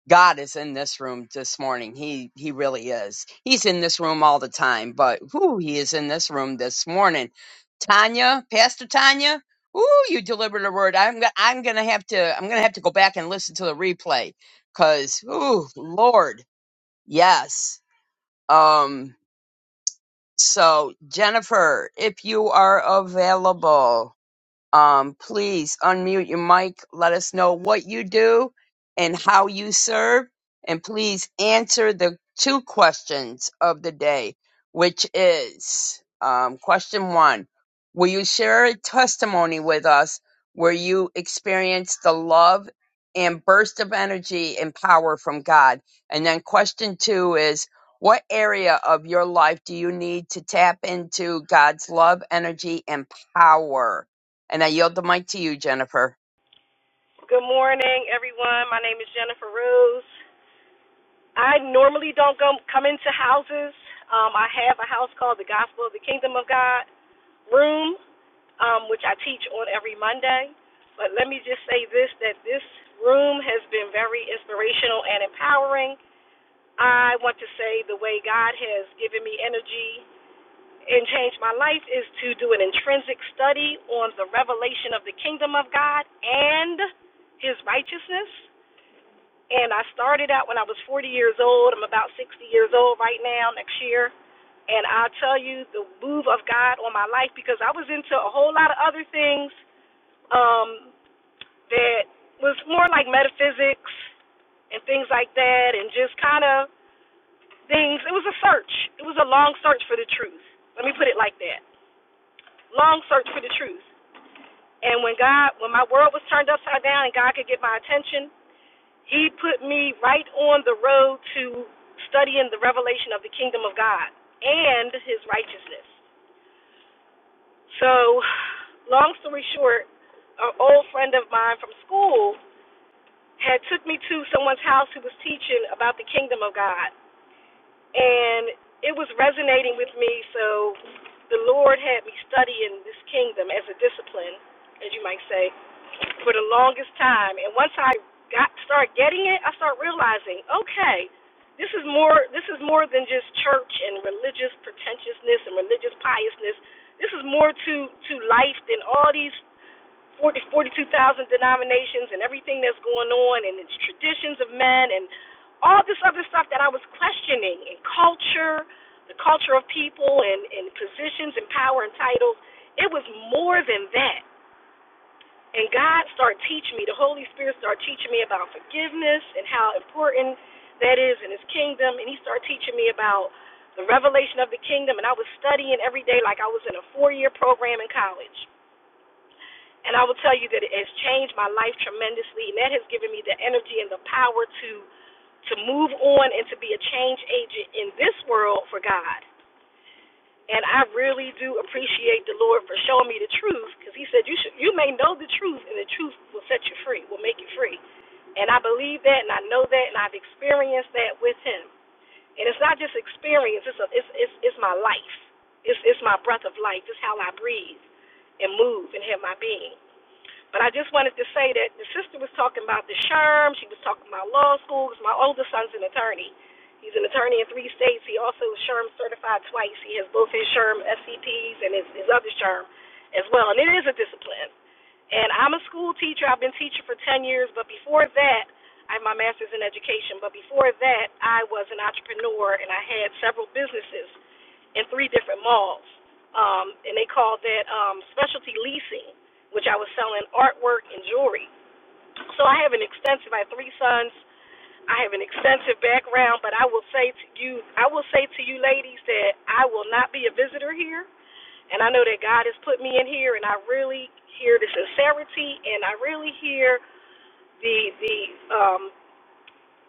A: God is in this room this morning. He he really is. He's in this room all the time, but whoo, he is in this room this morning. Tanya, Pastor Tanya, ooh, you delivered a word. I'm go- I'm gonna have to I'm gonna have to go back and listen to the replay, cause ooh, Lord, yes. Um. So Jennifer, if you are available. Um, please unmute your mic. Let us know what you do and how you serve. And please answer the two questions of the day, which is um, question one Will you share a testimony with us where you experienced the love and burst of energy and power from God? And then question two is What area of your life do you need to tap into God's love, energy, and power? And I yield the mic to you, Jennifer.
I: Good morning, everyone. My name is Jennifer Rose. I normally don't go, come into houses. Um, I have a house called the Gospel of the Kingdom of God Room, um, which I teach on every Monday. But let me just say this that this room has been very inspirational and empowering. I want to say the way God has given me energy and changed my life is to do an intrinsic study on the revelation of the kingdom of God and his righteousness. And I started out when I was 40 years old. I'm about 60 years old right now next year. And I'll tell you the move of God on my life because I was into a whole lot of other things um, that was more like metaphysics and things like that and just kind of things. It was a search. It was a long search for the truth. Let me put it like that. Long search for the truth. And when God, when my world was turned upside down and God could get my attention, He put me right on the road to studying the revelation of the kingdom of God and his righteousness. So, long story short, an old friend of mine from school had took me to someone's house who was teaching about the kingdom of God, and it was resonating with me. So, the Lord had me studying this kingdom as a discipline, as you might say. for the longest time. And once I got start getting it, I start realizing, okay, this is more this is more than just church and religious pretentiousness and religious piousness. This is more to to life than all these 40, 42,000 denominations and everything that's going on and its traditions of men and all this other stuff that I was questioning and culture, the culture of people and, and positions and power and titles. It was more than that and God started teaching me, the Holy Spirit started teaching me about forgiveness and how important that is in His kingdom. And He started teaching me about the revelation of the kingdom. And I was studying every day like I was in a four year program in college. And I will tell you that it has changed my life tremendously. And that has given me the energy and the power to to move on and to be a change agent in this world for God. And I really do appreciate the Lord for showing me the truth, because He said you should, you may know the truth, and the truth will set you free, will make you free. And I believe that, and I know that, and I've experienced that with Him. And it's not just experience; it's a, it's, it's it's my life. It's it's my breath of life. It's how I breathe and move and have my being. But I just wanted to say that the sister was talking about the SHRM. She was talking about law school because My oldest son's an attorney. He's an attorney in three states. He also is SHRM certified twice. He has both his SHRM SCPs and his, his other SHRM as well. And it is a discipline. And I'm a school teacher. I've been teaching for 10 years, but before that, I have my master's in education. But before that, I was an entrepreneur and I had several businesses in three different malls. Um, and they called that um, specialty leasing, which I was selling artwork and jewelry. So I have an extensive, I have three sons. I have an extensive background, but I will say to you, I will say to you ladies that I will not be a visitor here. And I know that God has put me in here, and I really hear the sincerity, and I really hear the the um,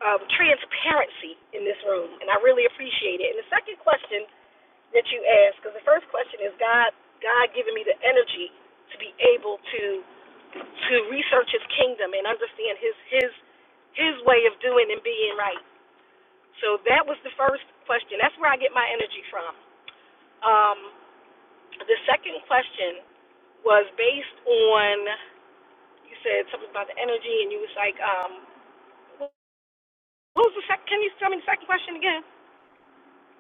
I: um, transparency in this room, and I really appreciate it. And the second question that you asked. Because the first question is God, God giving me the energy to be able to to research His kingdom and understand His His His way of doing and being right. So that was the first question. That's where I get my energy from. Um, the second question was based on you said something about the energy, and you was like, um, what was the second? Can you tell me the second question again?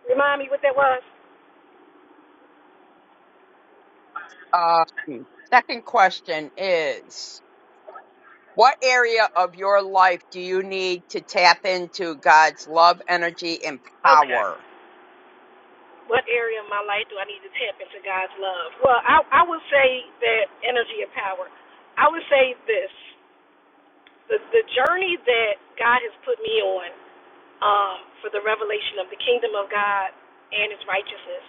I: Remind me what that was.
A: Um, second question is What area of your life do you need to tap into God's love, energy, and
I: Okay.
A: power?
I: what area of my life do I need to tap into God's love? Well, I, I would say that energy and power. I would say this the, the journey that God has put me on um, for the revelation of the kingdom of God and its righteousness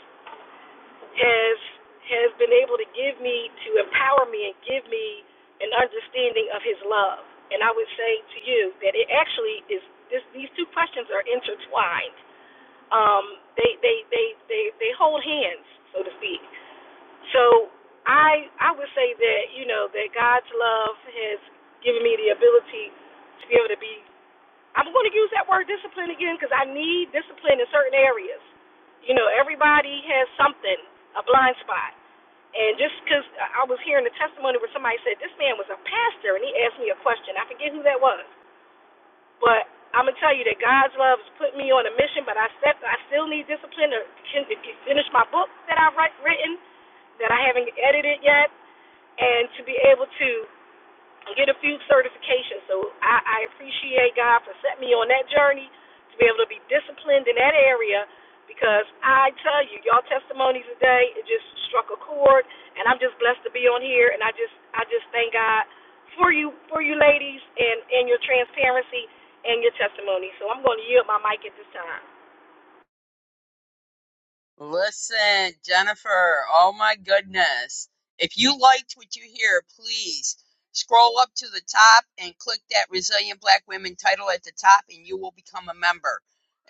I: has has been able to give me to empower me and give me an understanding of his love. And I would say to you that it actually is this, these two questions are intertwined. Um, they, they they they they hold hands, so to speak so I I would say that you know that God's love has given me the ability to be able to be. I'm going to use that word discipline again because I need discipline in certain areas. You know, everybody has something, a blind spot. And just because I was hearing the testimony where somebody said this man was a pastor and he asked me a question, I forget who that was, but I'm gonna tell you that God's love has put me on a mission. But I step, I still need discipline to, finish my book that I've write, written that I haven't edited yet and to be able to get a few certifications. So I, I appreciate God for setting me on that journey to be able to be disciplined in that area because I tell you, y'all testimonies today, it just struck a chord and I'm just blessed to be on here and I just I just thank God for you for you ladies and, and your transparency and your testimony. So I'm gonna yield my mic at this time.
A: Listen, Jennifer, oh my goodness. If you liked what you hear, please scroll up to the top and click that Resilient Black Women title at the top, and you will become a member.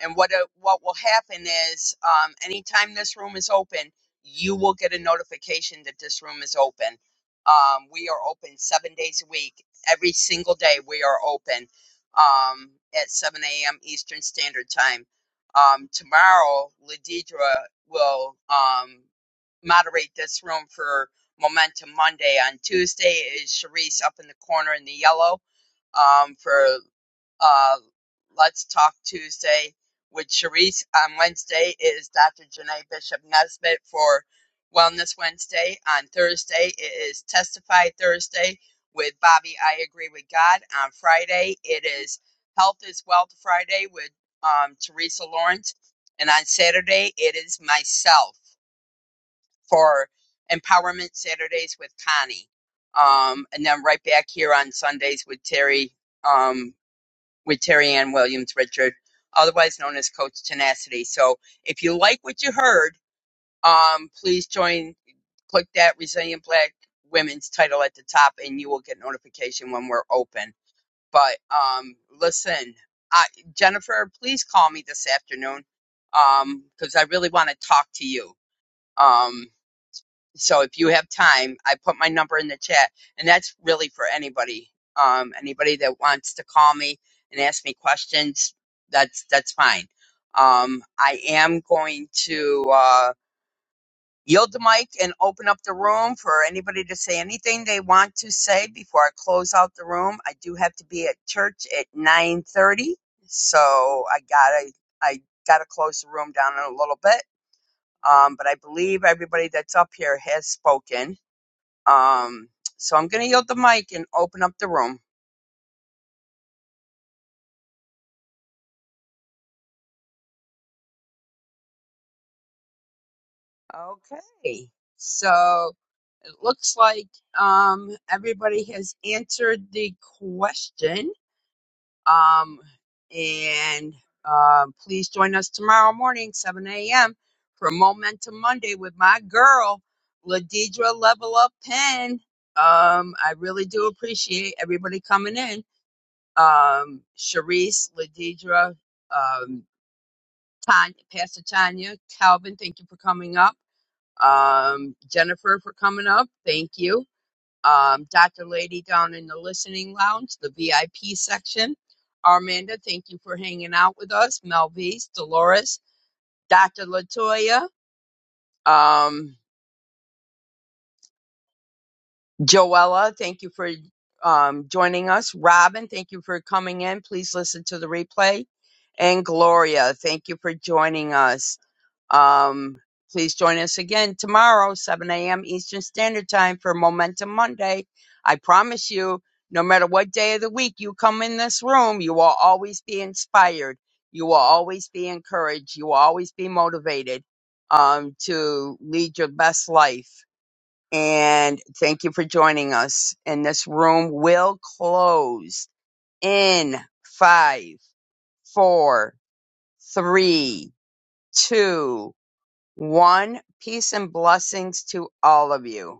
A: And what, uh, what will happen is, um, anytime this room is open, you will get a notification that this room is open. Um, we are open seven days a week. Every single day, we are open um, at 7 a.m. Eastern Standard Time um, tomorrow, Ladidra will um, moderate this room for Momentum Monday. On Tuesday is Sharice up in the corner in the yellow um, for uh, Let's Talk Tuesday with Sharice. On Wednesday is Dr. Janae Bishop Nesbitt for Wellness Wednesday. On Thursday it is Testify Thursday with Bobby. I agree with God. On Friday it is Health is Wealth Friday with um, Teresa Lawrence, and on Saturday it is myself for Empowerment Saturdays with Connie. Um, and then right back here on Sundays with Terry. Um with Terry Ann Williams Richard, otherwise known as Coach Tenacity. So if you like what you heard, um, please join, click that Resilient Black Women's title at the top, and you will get notification when we're open. But um, listen, I, Jennifer, please call me this afternoon because um, I really want to talk to you. um. So if you have time, I put my number in the chat, and that's really for anybody. Um, anybody that wants to call me and ask me questions, that's that's fine. Um, I am going to uh, yield the mic and open up the room for anybody to say anything they want to say before I close out the room. I do have to be at church at nine thirty, so I gotta I gotta close the room down in a little bit. Um, but I believe everybody that's up here has spoken. Um, so I'm going to yield the mic and open up the room. Okay. So it looks like um, everybody has answered the question. Um, and uh, please join us tomorrow morning, 7 a.m., for Momentum Monday with my girl, Ladidra Level Up Pen. Um, I really do appreciate everybody coming in. Um, Sharice, Ladidra, um, Tanya, Pastor Tanya, Calvin, thank you for coming up. Um, Jennifer for coming up, thank you. Um, Dr. Lady down in the listening lounge, the VIP section. Armanda, thank you for hanging out with us. Melvise, Dolores, Dr. Latoya, um, Joella, thank you for um, joining us. Robin, thank you for coming in. Please listen to the replay. And Gloria, thank you for joining us. Um, please join us again tomorrow, 7 a.m. Eastern Standard Time for Momentum Monday. I promise you, no matter what day of the week you come in this room, you will always be inspired. You will always be encouraged. You will always be motivated um, to lead your best life. And thank you for joining us. And this room will close in five, four, three, two, one, peace and blessings to all of you.